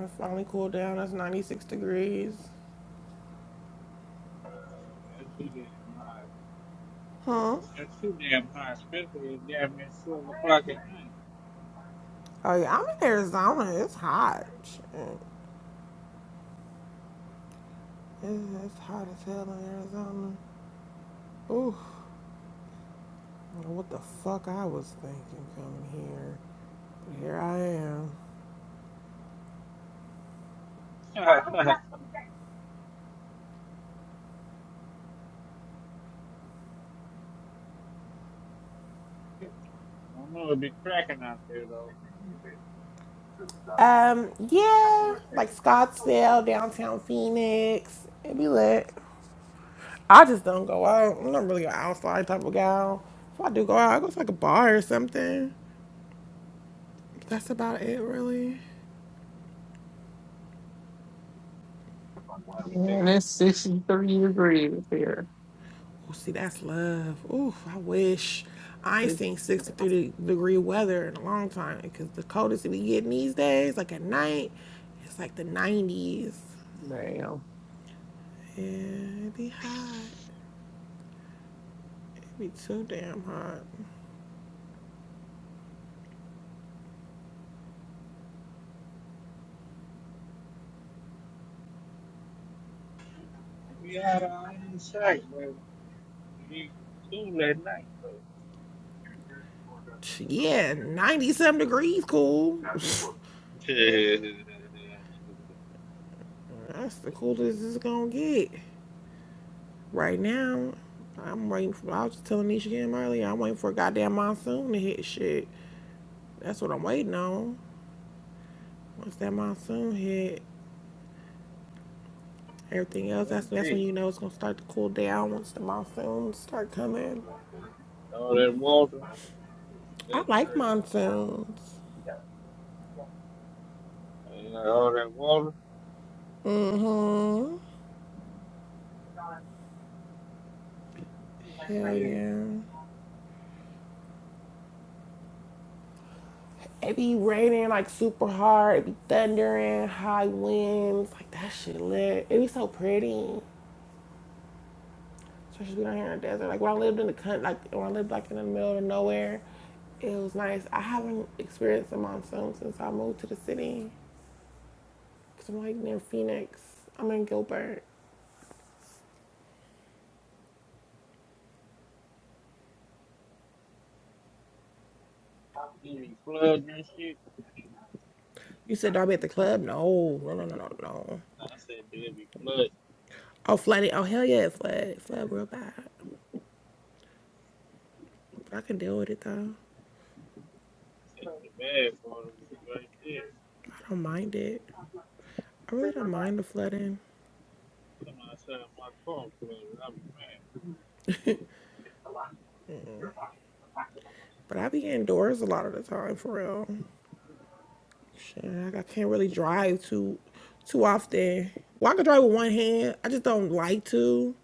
Speaker 3: it finally cooled down. That's 96 degrees.
Speaker 6: That's too damn high.
Speaker 3: Huh?
Speaker 6: That's too damn high, especially at damn near 12 o'clock at night.
Speaker 3: Oh, yeah, I'm in Arizona. It's hot. Shit. Yeah, it's hot as hell in Arizona. Ooh, what the fuck I was thinking coming here. But here I am.
Speaker 6: I don't know, it'd be cracking out there, though.
Speaker 3: Um, yeah, like Scottsdale, downtown Phoenix. It'd be lit. I just don't go out. I'm not really an outside type of gal. If I do go out, I go to like a bar or something. That's about it, really.
Speaker 6: I'd be
Speaker 10: Man,
Speaker 6: digging.
Speaker 10: it's 63 degrees here.
Speaker 3: Oh, see, that's love. Oof, I wish. I ain't seen 63 degree weather in a long time because the coldest we get these days, like at night, it's like the 90s.
Speaker 10: Damn.
Speaker 3: Yeah, it be hot. It would be too damn hot.
Speaker 6: It'd be out on the site, but it'd be cool at night.
Speaker 3: Yeah, ninety-seven degrees cool. That's
Speaker 6: Shit.
Speaker 3: the coolest it's gonna get. Right now, I'm waiting for, I was just telling Nisha Kim earlier, I'm waiting for a goddamn monsoon to hit shit. That's what I'm waiting on. Once that monsoon hit, Everything else,
Speaker 6: That's
Speaker 3: that's that's when
Speaker 6: deep.
Speaker 3: you know it's gonna start to cool down once the monsoons start coming.
Speaker 6: All that water.
Speaker 3: I
Speaker 6: That's
Speaker 3: like
Speaker 6: crazy.
Speaker 3: monsoons.
Speaker 6: Ain't like all that water.
Speaker 3: hmm Hell yeah. It be raining like super hard. It be thundering, high winds. Like that shit lit. It be so pretty. Especially being out here in the desert. Like when I lived in the country, like when I lived like in the middle of nowhere, it was nice. I haven't experienced a monsoon since I moved to the city. Cause I'm like near Phoenix. I'm in Gilbert.
Speaker 6: flood and shit.
Speaker 3: You said Darby at the club? No, no, no, no, no, no.
Speaker 6: Floods
Speaker 3: Oh, Flatty. Oh, hell yeah, Flat. Flat real bad. But I can deal with it though.
Speaker 6: the bad for them. Right there.
Speaker 3: I don't mind it. I really don't mind the flooding.
Speaker 6: Come outside my car flooded. I'll be mad.
Speaker 3: But I be indoors a lot of the time for real. Shit, like I can't really drive too too often. Well, I can drive with one hand. I just don't like to.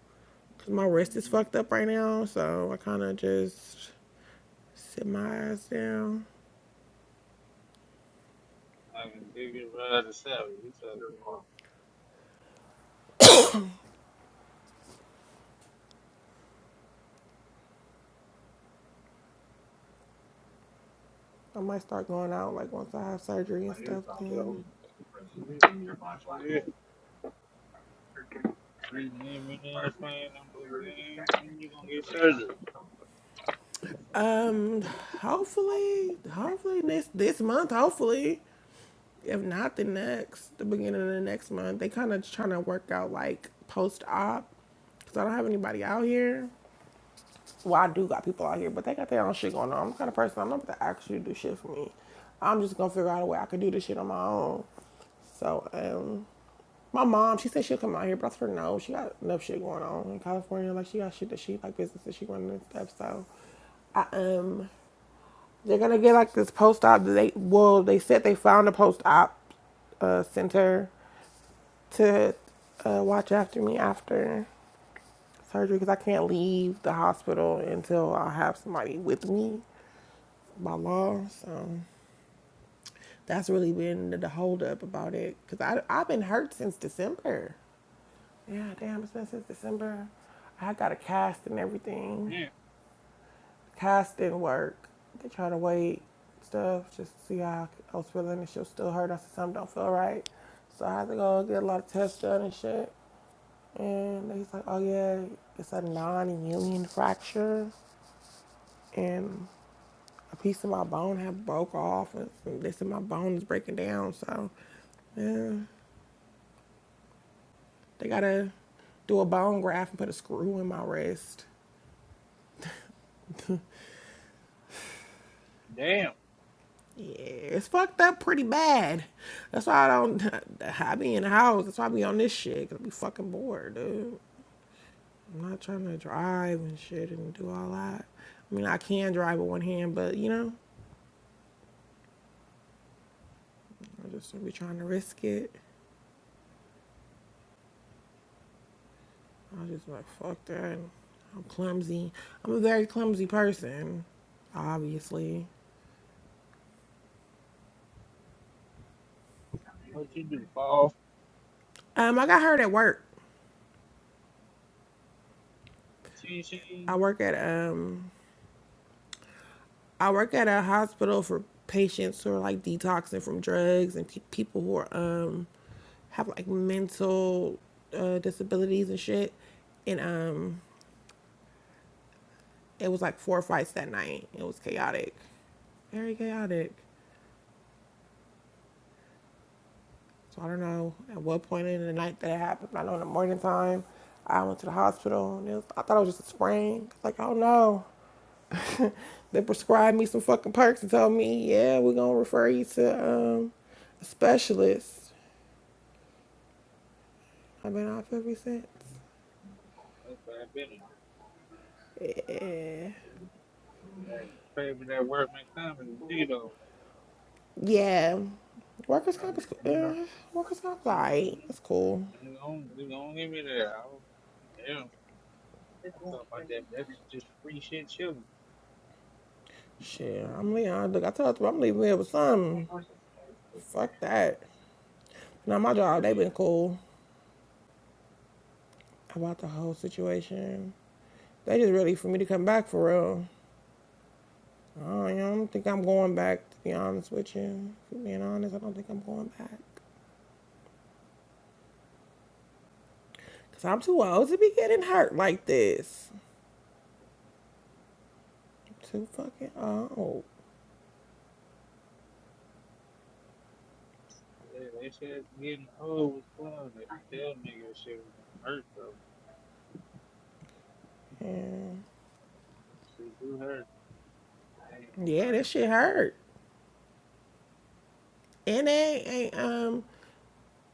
Speaker 3: Cause my wrist is fucked up right now, so I kind of just sit my ass down.
Speaker 6: I can dig it right out of salad. You talking
Speaker 3: I might start going out like once I have surgery and stuff.
Speaker 11: you know
Speaker 3: Then.
Speaker 6: about shit. Breathing in, breathing in the plane. I'm like, man, when you gonna get surgery?
Speaker 3: Hopefully, hopefully this this month. Hopefully, if not the next, the beginning of the next month. They kind of trying to work out like post op, cause I don't have anybody out here. Well, I do got people out here, but they got their own shit going on. I'm the kind of person I'm not about to actually do shit for me. I'm just gonna figure out a way I could do this shit on my own. So, um, my mom, she said she'll come out here, but I told her no. She got enough shit going on in California. Like she got shit that she like business that she running and stuff. So, I um they're gonna get like this post op. They well, they said they found a post op uh, center to uh, watch after me after surgery because I can't leave the hospital until I have somebody with me by law. So that's really been the, the hold about it because I I've been hurt since December. Yeah, damn, it's been since December. I got a cast and everything.
Speaker 6: Damn.
Speaker 3: Constant work. They try to wait stuff just to see how I was feeling. and shit was still hurt. I said something don't feel right, so I had to go get a lot of tests done and shit. And he's like, "Oh yeah, it's a non-union fracture, and a piece of my bone had broke off, and they said my bone is breaking down. So yeah, they gotta do a bone graft and put a screw in my wrist."
Speaker 6: Damn.
Speaker 3: Yeah, it's fucked up pretty bad. That's why I don't. I be in the house. That's why I be on this shit. Cause I be fucking bored, dude. I'm not trying to drive and shit and do all that. I mean, I can drive with one hand, but you know, I just don't be trying to risk it. I just like fuck that. I'm clumsy. I'm a very clumsy person, obviously.
Speaker 6: What you do? Fall?
Speaker 3: Um, I got hurt at work.
Speaker 6: Ching,
Speaker 3: I
Speaker 6: ching.
Speaker 3: work at um I work at a hospital for patients who are like detoxing from drugs and pe- people who are um have like mental uh, disabilities and shit. And um, it was like four fights that night. It was chaotic, very chaotic. So I don't know at what point in the night that it happened. But I know in the morning time, I went to the hospital and it was, I thought it was just a sprain. Like oh no, they prescribed me some fucking perks and told me yeah we're gonna refer you to um, a specialist. I've been off ever since.
Speaker 6: That's bad business.
Speaker 3: Yeah.
Speaker 6: That Favor that workman comedy, Dito.
Speaker 3: Yeah. Workers comp is
Speaker 6: Mm
Speaker 3: uh, workers comp. is Alright,
Speaker 6: Mhm.
Speaker 3: that's cool.
Speaker 6: They gon' they gon' give me that. I don't, they don't- that's just free shit chilling.
Speaker 3: Shit, I'm leaving. Look, I told you I'm leaving here with something. Fuck that. Now my
Speaker 6: Yeah,
Speaker 3: job,
Speaker 6: hell
Speaker 3: they been
Speaker 6: yeah.
Speaker 3: cool about the whole situation. They just ready for me to come back for real. I don't, you know, I don't think I'm going back. To be honest with you, If I'm being honest, I don't think I'm going back. Cause I'm too old to be getting hurt like this. I'm too fucking old.
Speaker 6: They, they said getting old was fun. They could tell niggas shit was gonna hurt though.
Speaker 3: Yeah.
Speaker 6: Shit do hurt.
Speaker 3: Yeah, that shit hurt. And they ain't um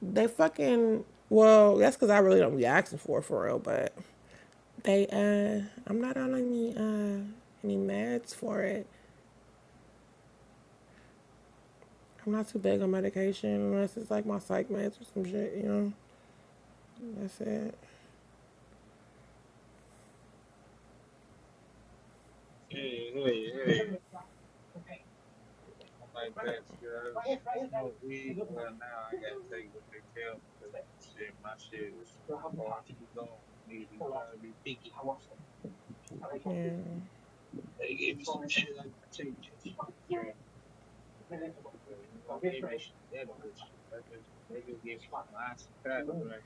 Speaker 3: they fucking well, that's because I really don't be asking for it for real, but they uh I'm not on any uh any meds for it. I'm not too big on medication unless it's like my psych meds or some shit, you know. That's it.
Speaker 6: Yeah, hell yeah. yeah. I'm Like
Speaker 3: But,
Speaker 6: that shit. I smoke weed. Well now I gotta take what they tell me. 'cause Shit, my shit is far too gone. Need to probably be peaked.
Speaker 3: yeah.
Speaker 6: They give me some shit. They don't me shit. That good shit. That just they just give me some nice facts right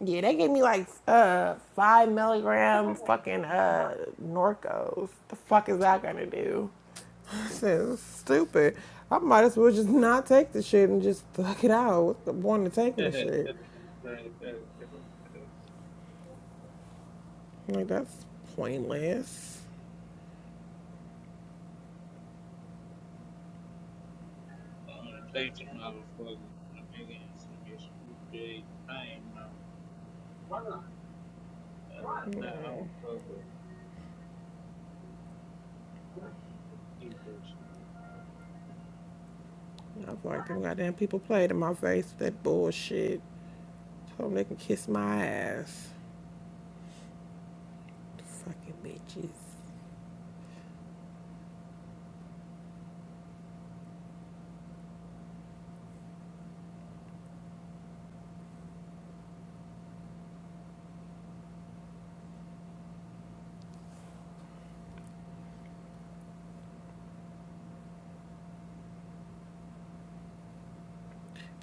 Speaker 3: Yeah, they gave me like uh five milligram fucking uh Norcos. The fuck is that gonna do? So stupid. I might as well just not take the shit and just thug it out. What's the point of taking the
Speaker 6: Right, right, right.
Speaker 3: shit?
Speaker 6: Because we have
Speaker 3: Like that's pointless. I was like, them goddamn people played in my face with that bullshit. Told them they can kiss my ass. The Fucking bitches.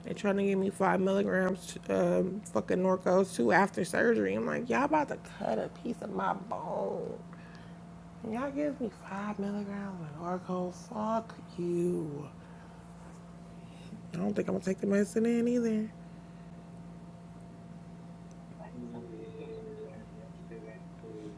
Speaker 3: They trying to give me five milligrams, um, fucking Norco's too after surgery. I'm like, y'all about to cut a piece of my bone. Y'all give me five milligrams of Norco. Fuck you. I don't think I'm gonna take the medicine in either.
Speaker 6: been feeling too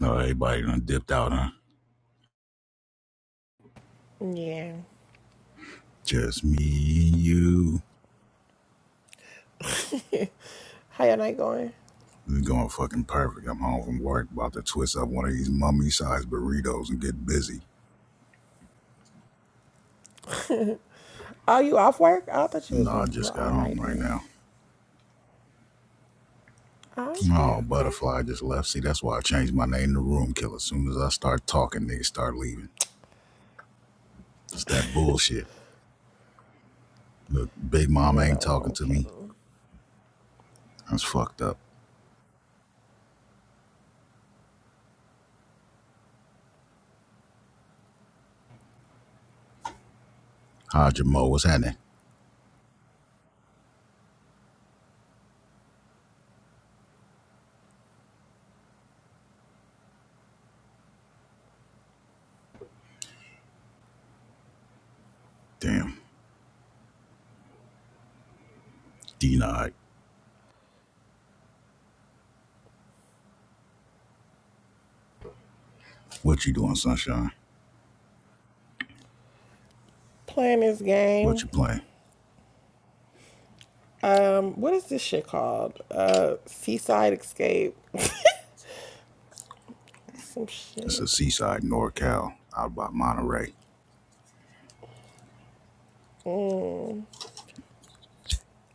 Speaker 2: No, everybody done dipped out, huh?
Speaker 3: Yeah.
Speaker 2: Just me you.
Speaker 3: How your night going?
Speaker 2: This is going fucking perfect. I'm home from work, about to twist up one of these mummy-sized burritos and get busy.
Speaker 3: Oh, you off work? I thought you
Speaker 2: No,
Speaker 3: was
Speaker 2: I
Speaker 3: gonna pull
Speaker 2: just
Speaker 3: an all
Speaker 2: got home right
Speaker 3: nighter.
Speaker 2: now.
Speaker 3: Oh, okay,
Speaker 2: Oh,
Speaker 3: okay.
Speaker 2: butterfly just left. See, that's why I changed my name to Room Killer. As soon as I start talking, niggas start leaving. It's that bullshit. Look, Big Mom
Speaker 3: You ain't no
Speaker 2: ain't talking
Speaker 3: wrong,
Speaker 2: to me.
Speaker 3: Kendall.
Speaker 2: That's fucked up. How'd your mo? What's happening? Damn. Denied. What you doing, Sunshine?
Speaker 3: Playing this
Speaker 2: What
Speaker 3: game.
Speaker 2: you playing?
Speaker 3: Um, what is this shit called? Uh, Seaside Escape. Some
Speaker 2: It's
Speaker 3: shit.
Speaker 2: a seaside NorCal out by Monterey.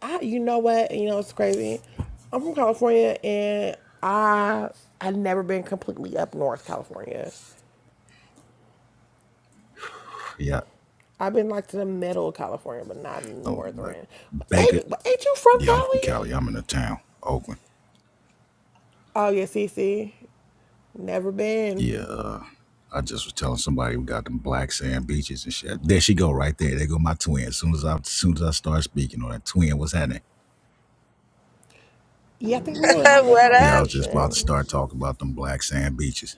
Speaker 3: I, you know what? You know it's crazy. I'm from California, and I I've never been completely up north California.
Speaker 2: Yeah.
Speaker 3: I've been like to the middle of California, but not
Speaker 2: Oh, like
Speaker 3: northern.
Speaker 2: Baker.
Speaker 3: Ain't, ain't you from
Speaker 2: Yeah, I'm from Cali.
Speaker 3: Cali?
Speaker 2: I'm in the town, Oakland.
Speaker 3: Oh yeah, Cece. Never been.
Speaker 2: Yeah, uh, I just was telling somebody we got them black sand beaches and shit. There she go, right there. There go my twin. As soon as I, as soon as I start speaking on that twin, what's happening?
Speaker 3: Yeah, I think we
Speaker 12: What
Speaker 3: were
Speaker 12: up?
Speaker 3: having a
Speaker 12: What
Speaker 2: Yeah, I
Speaker 12: up?
Speaker 2: was just about to
Speaker 3: conversation,
Speaker 2: start talking about them black sand beaches.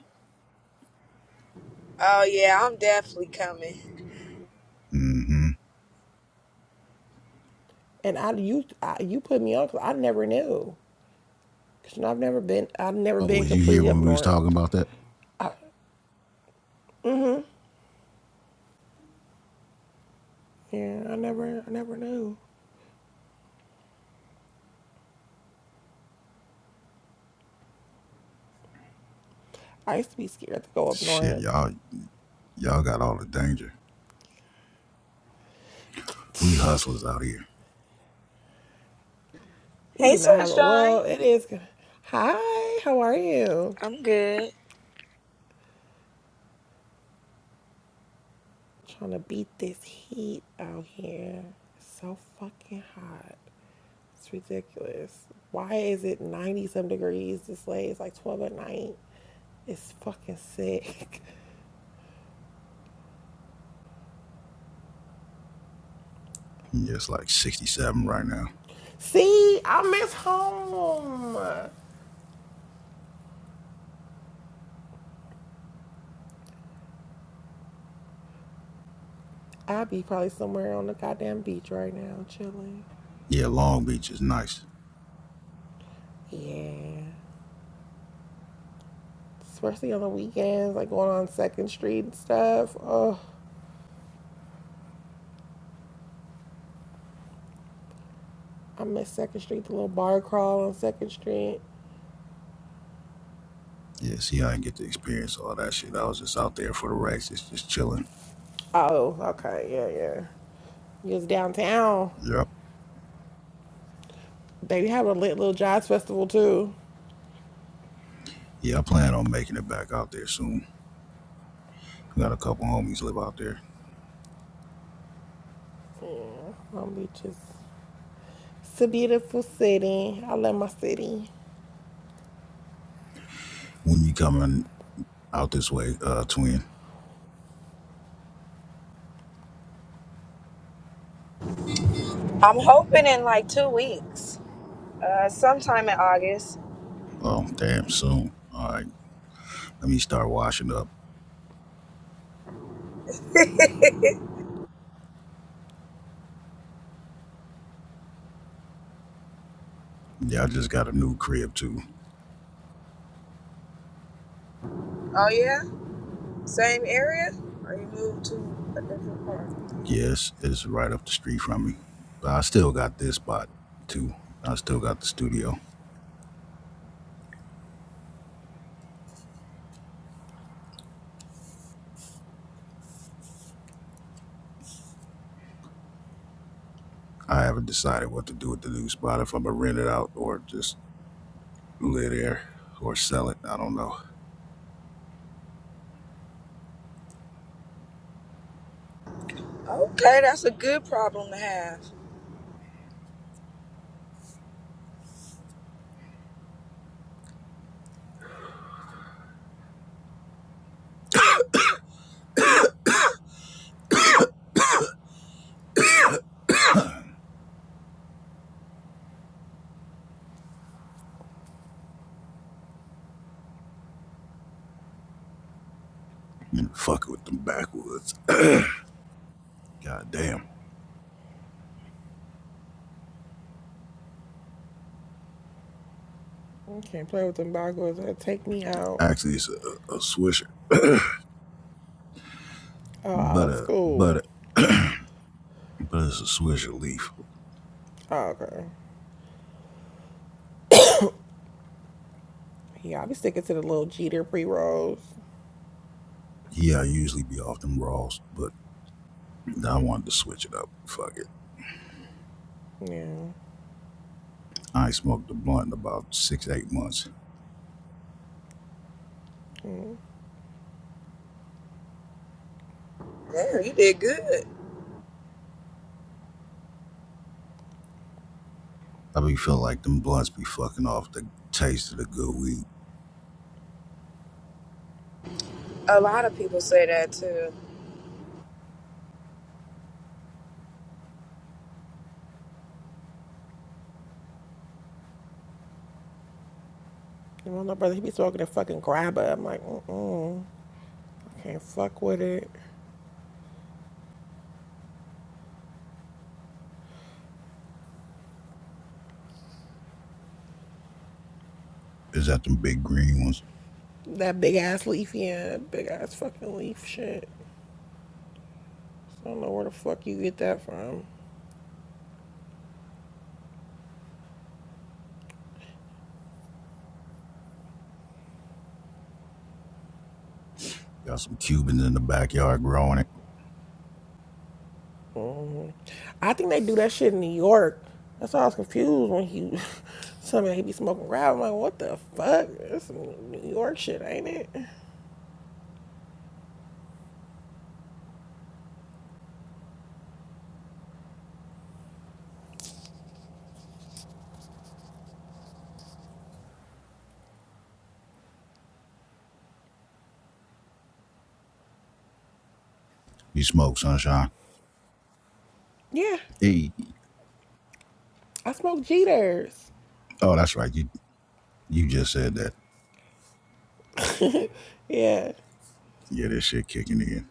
Speaker 12: Oh yeah, I'm definitely coming.
Speaker 2: Mm-hmm.
Speaker 3: and I you I, you put me on because I never knew. Cause I've never been I've never
Speaker 2: Oh,
Speaker 3: been
Speaker 2: was you here
Speaker 3: completely up
Speaker 2: when we was
Speaker 3: north.
Speaker 2: talking about that?
Speaker 3: Yeah, I never I never knew. I used to be scared to go up
Speaker 2: Shit,
Speaker 3: north.
Speaker 2: y'all, y'all got all the danger. We hustlers out here.
Speaker 3: We
Speaker 12: Hey
Speaker 3: do not have a
Speaker 12: sunshine.
Speaker 3: well. It is. Hi, how are you?
Speaker 12: I'm good.
Speaker 3: Trying to beat this heat out here. It's so fucking hot. It's ridiculous. Why is it 90 some degrees this late? It's like 12 at night. It's fucking sick.
Speaker 2: Yeah, it's like 67 right now.
Speaker 3: See, I miss home. I'd be probably somewhere on the goddamn beach right now, chilling.
Speaker 2: Yeah, Long Beach is nice.
Speaker 3: Yeah. Especially on the weekends, like going on Second Street and stuff. Oh, I miss Second Street, the little bar crawl on Second Street.
Speaker 2: Yeah, see, I didn't get to experience all that shit. I was just out there for the racks. It's just chilling.
Speaker 3: Oh, okay, yeah, yeah. You was downtown.
Speaker 2: Yep.
Speaker 3: They have a lit little jazz festival too.
Speaker 2: Yeah, I plan on making it back out there soon. I got a couple homies live out there.
Speaker 3: Yeah, Long Beach is it's a beautiful city. I love my city.
Speaker 2: When you coming out this way, uh, twin?
Speaker 12: I'm hoping in like two weeks. Uh sometime in August.
Speaker 2: Oh, damn, soon. All right, let me start washing up. Yeah, I just got a new crib too.
Speaker 12: Oh yeah? Same area? Or you moved to a different part?
Speaker 2: Yes, it's right up the street from me, but I still got this spot too. I still got the studio. I haven't decided what to do with the new spot. If I'm gonna rent it out or just live there or sell it, I don't know.
Speaker 12: Okay, that's a good problem to have.
Speaker 2: And fuck it with them backwoods. God damn.
Speaker 3: I can't play with them goggles. They'll take me out.
Speaker 2: Actually, it's a, a swisher,
Speaker 3: Oh,
Speaker 2: but
Speaker 3: old
Speaker 2: uh,
Speaker 3: school.
Speaker 2: but. uh, but it's a switch of leaf.
Speaker 3: Oh, okay. Yeah, I be sticking to the little Jeter pre rolls.
Speaker 2: Yeah, I usually be off them raws, but I wanted to switch it up. Fuck it.
Speaker 3: Yeah.
Speaker 2: I ain't smoked a blunt in about six, eight months.
Speaker 12: Yeah, you did good.
Speaker 2: I be feeling like them blunts be fucking off the taste of the good weed.
Speaker 12: A lot of people say that too.
Speaker 3: You know, my brother, he be smoking a fucking grabber. I'm like, mm-mm. I can't fuck with it.
Speaker 2: Is that them big green ones?
Speaker 3: That big ass leaf, yeah. That big ass fucking leaf shit. I don't know where the fuck you get that from.
Speaker 2: Got some Cubans in the backyard growing it.
Speaker 3: Mhm. I think they do that shit in New York. That's why I was confused when he told me that he be smoking rap. I'm like, what the fuck? That's some New York shit, ain't it?
Speaker 2: You smoke sunshine.
Speaker 3: Yeah,
Speaker 2: Hey,
Speaker 3: I smoke Jeters.
Speaker 2: oh, that's right. You you just said that.
Speaker 3: Yeah,
Speaker 2: Yeah, this shit kicking in.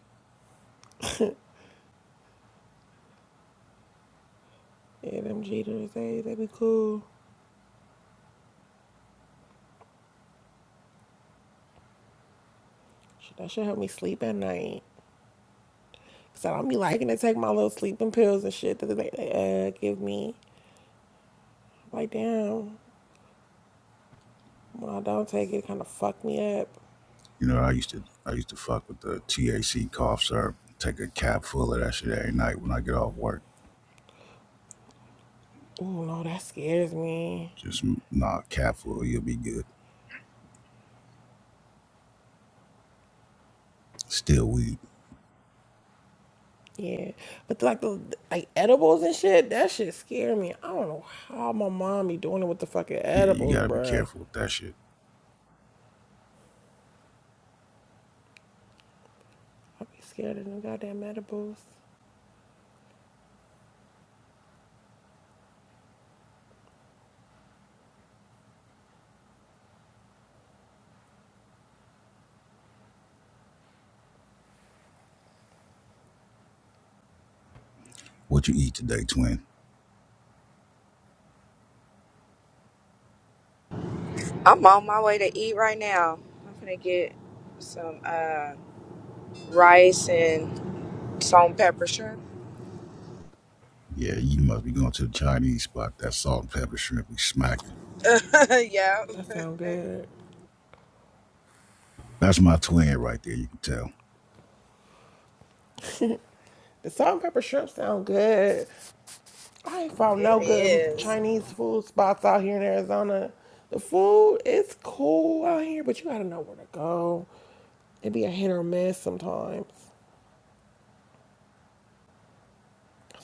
Speaker 3: yeah, them Jeters, Hey, they be cool. That should help me sleep at night. So I don't be liking to take my little sleeping pills and shit that they, they uh give me. Like, damn, when I don't take it, it kind of fuck me up.
Speaker 2: You know, I used to I used to fuck with the THC cough syrup. Take a cap full of that shit every night when I get off work
Speaker 3: Ooh, no, that scares me.
Speaker 2: Just not careful, food. You'll be good. Still weed.
Speaker 3: Yeah, but like the like edibles and shit, that shit scare me. I don't know how my mom be doing it with the fucking
Speaker 2: Yeah, you
Speaker 3: edibles,
Speaker 2: gotta be
Speaker 3: bruh.
Speaker 2: careful with that shit.
Speaker 3: I be scared of them goddamn edibles.
Speaker 2: What you eat today, twin?
Speaker 12: I'm on my way to eat right now. I'm gonna get some uh rice and salt and pepper shrimp.
Speaker 2: Yeah, you must be going to the Chinese spot. That salt and pepper shrimp be smacking.
Speaker 12: yeah.
Speaker 3: That sound good.
Speaker 2: That's my twin right there. You can tell.
Speaker 3: The salt and pepper shrimp sound good. I ain't found
Speaker 12: It
Speaker 3: no good
Speaker 12: is.
Speaker 3: Chinese food spots out here in Arizona. The food is cool out here, but you gotta know where to go. It be a hit or miss sometimes.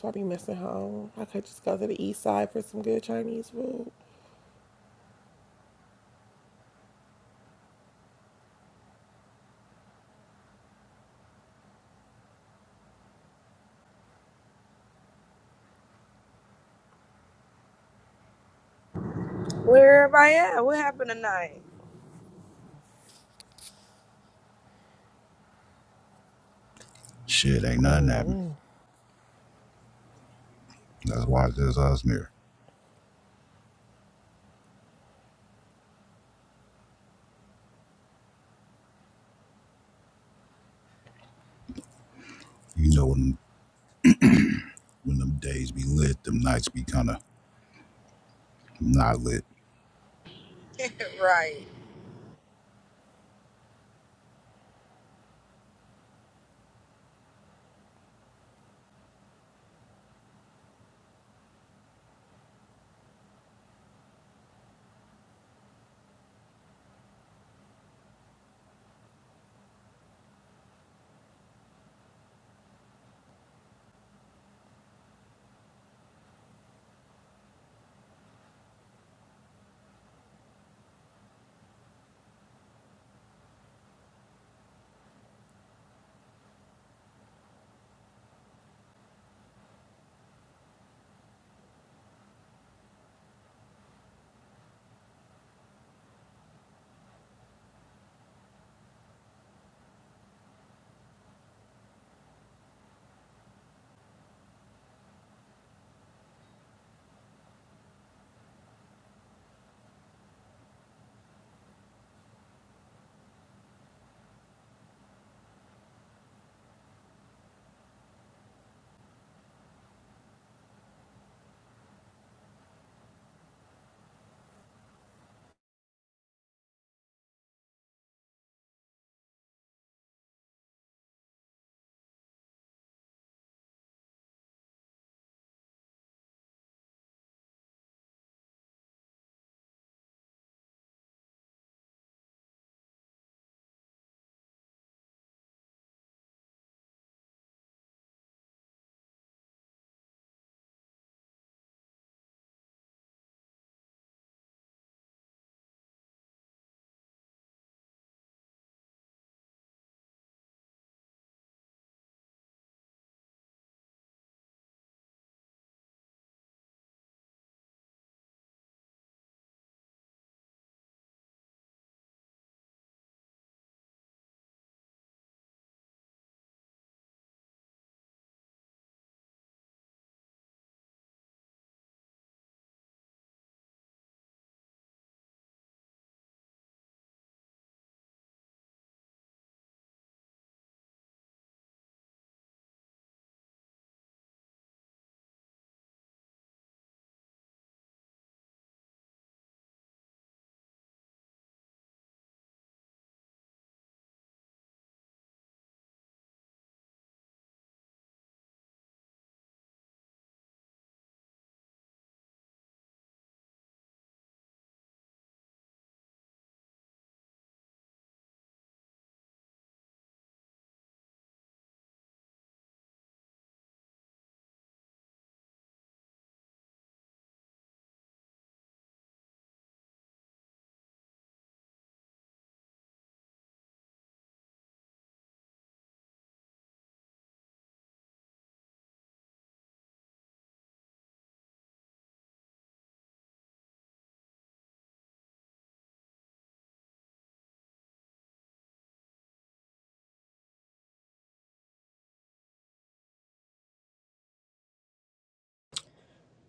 Speaker 3: So I be missing home. I could just go to the east side for some good Chinese food.
Speaker 12: Where everybody at? What happened tonight?
Speaker 2: Shit, ain't nothing happening. That's why it's just us in You know when them, when them days be lit, them nights be kind of not lit.
Speaker 12: Right.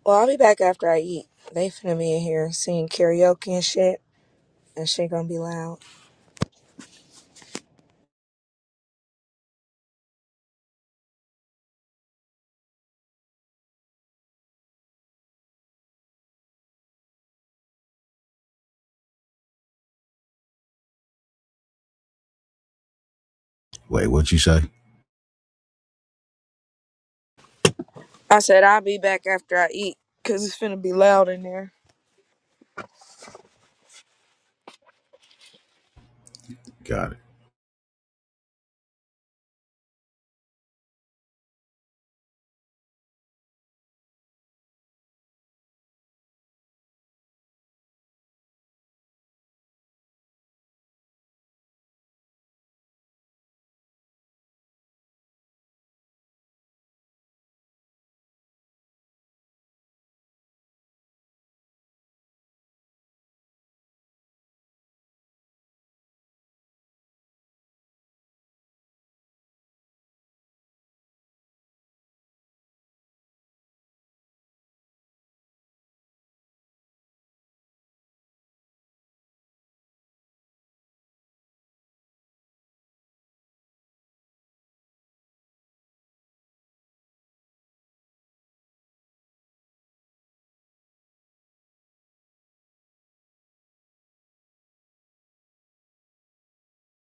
Speaker 12: Well, I'll be back after I eat. They finna be in here singing karaoke and shit. And shit gonna be loud.
Speaker 2: Wait, what you say?
Speaker 12: I said I'll be back after I eat, cause it's finna be loud in there.
Speaker 2: Got it.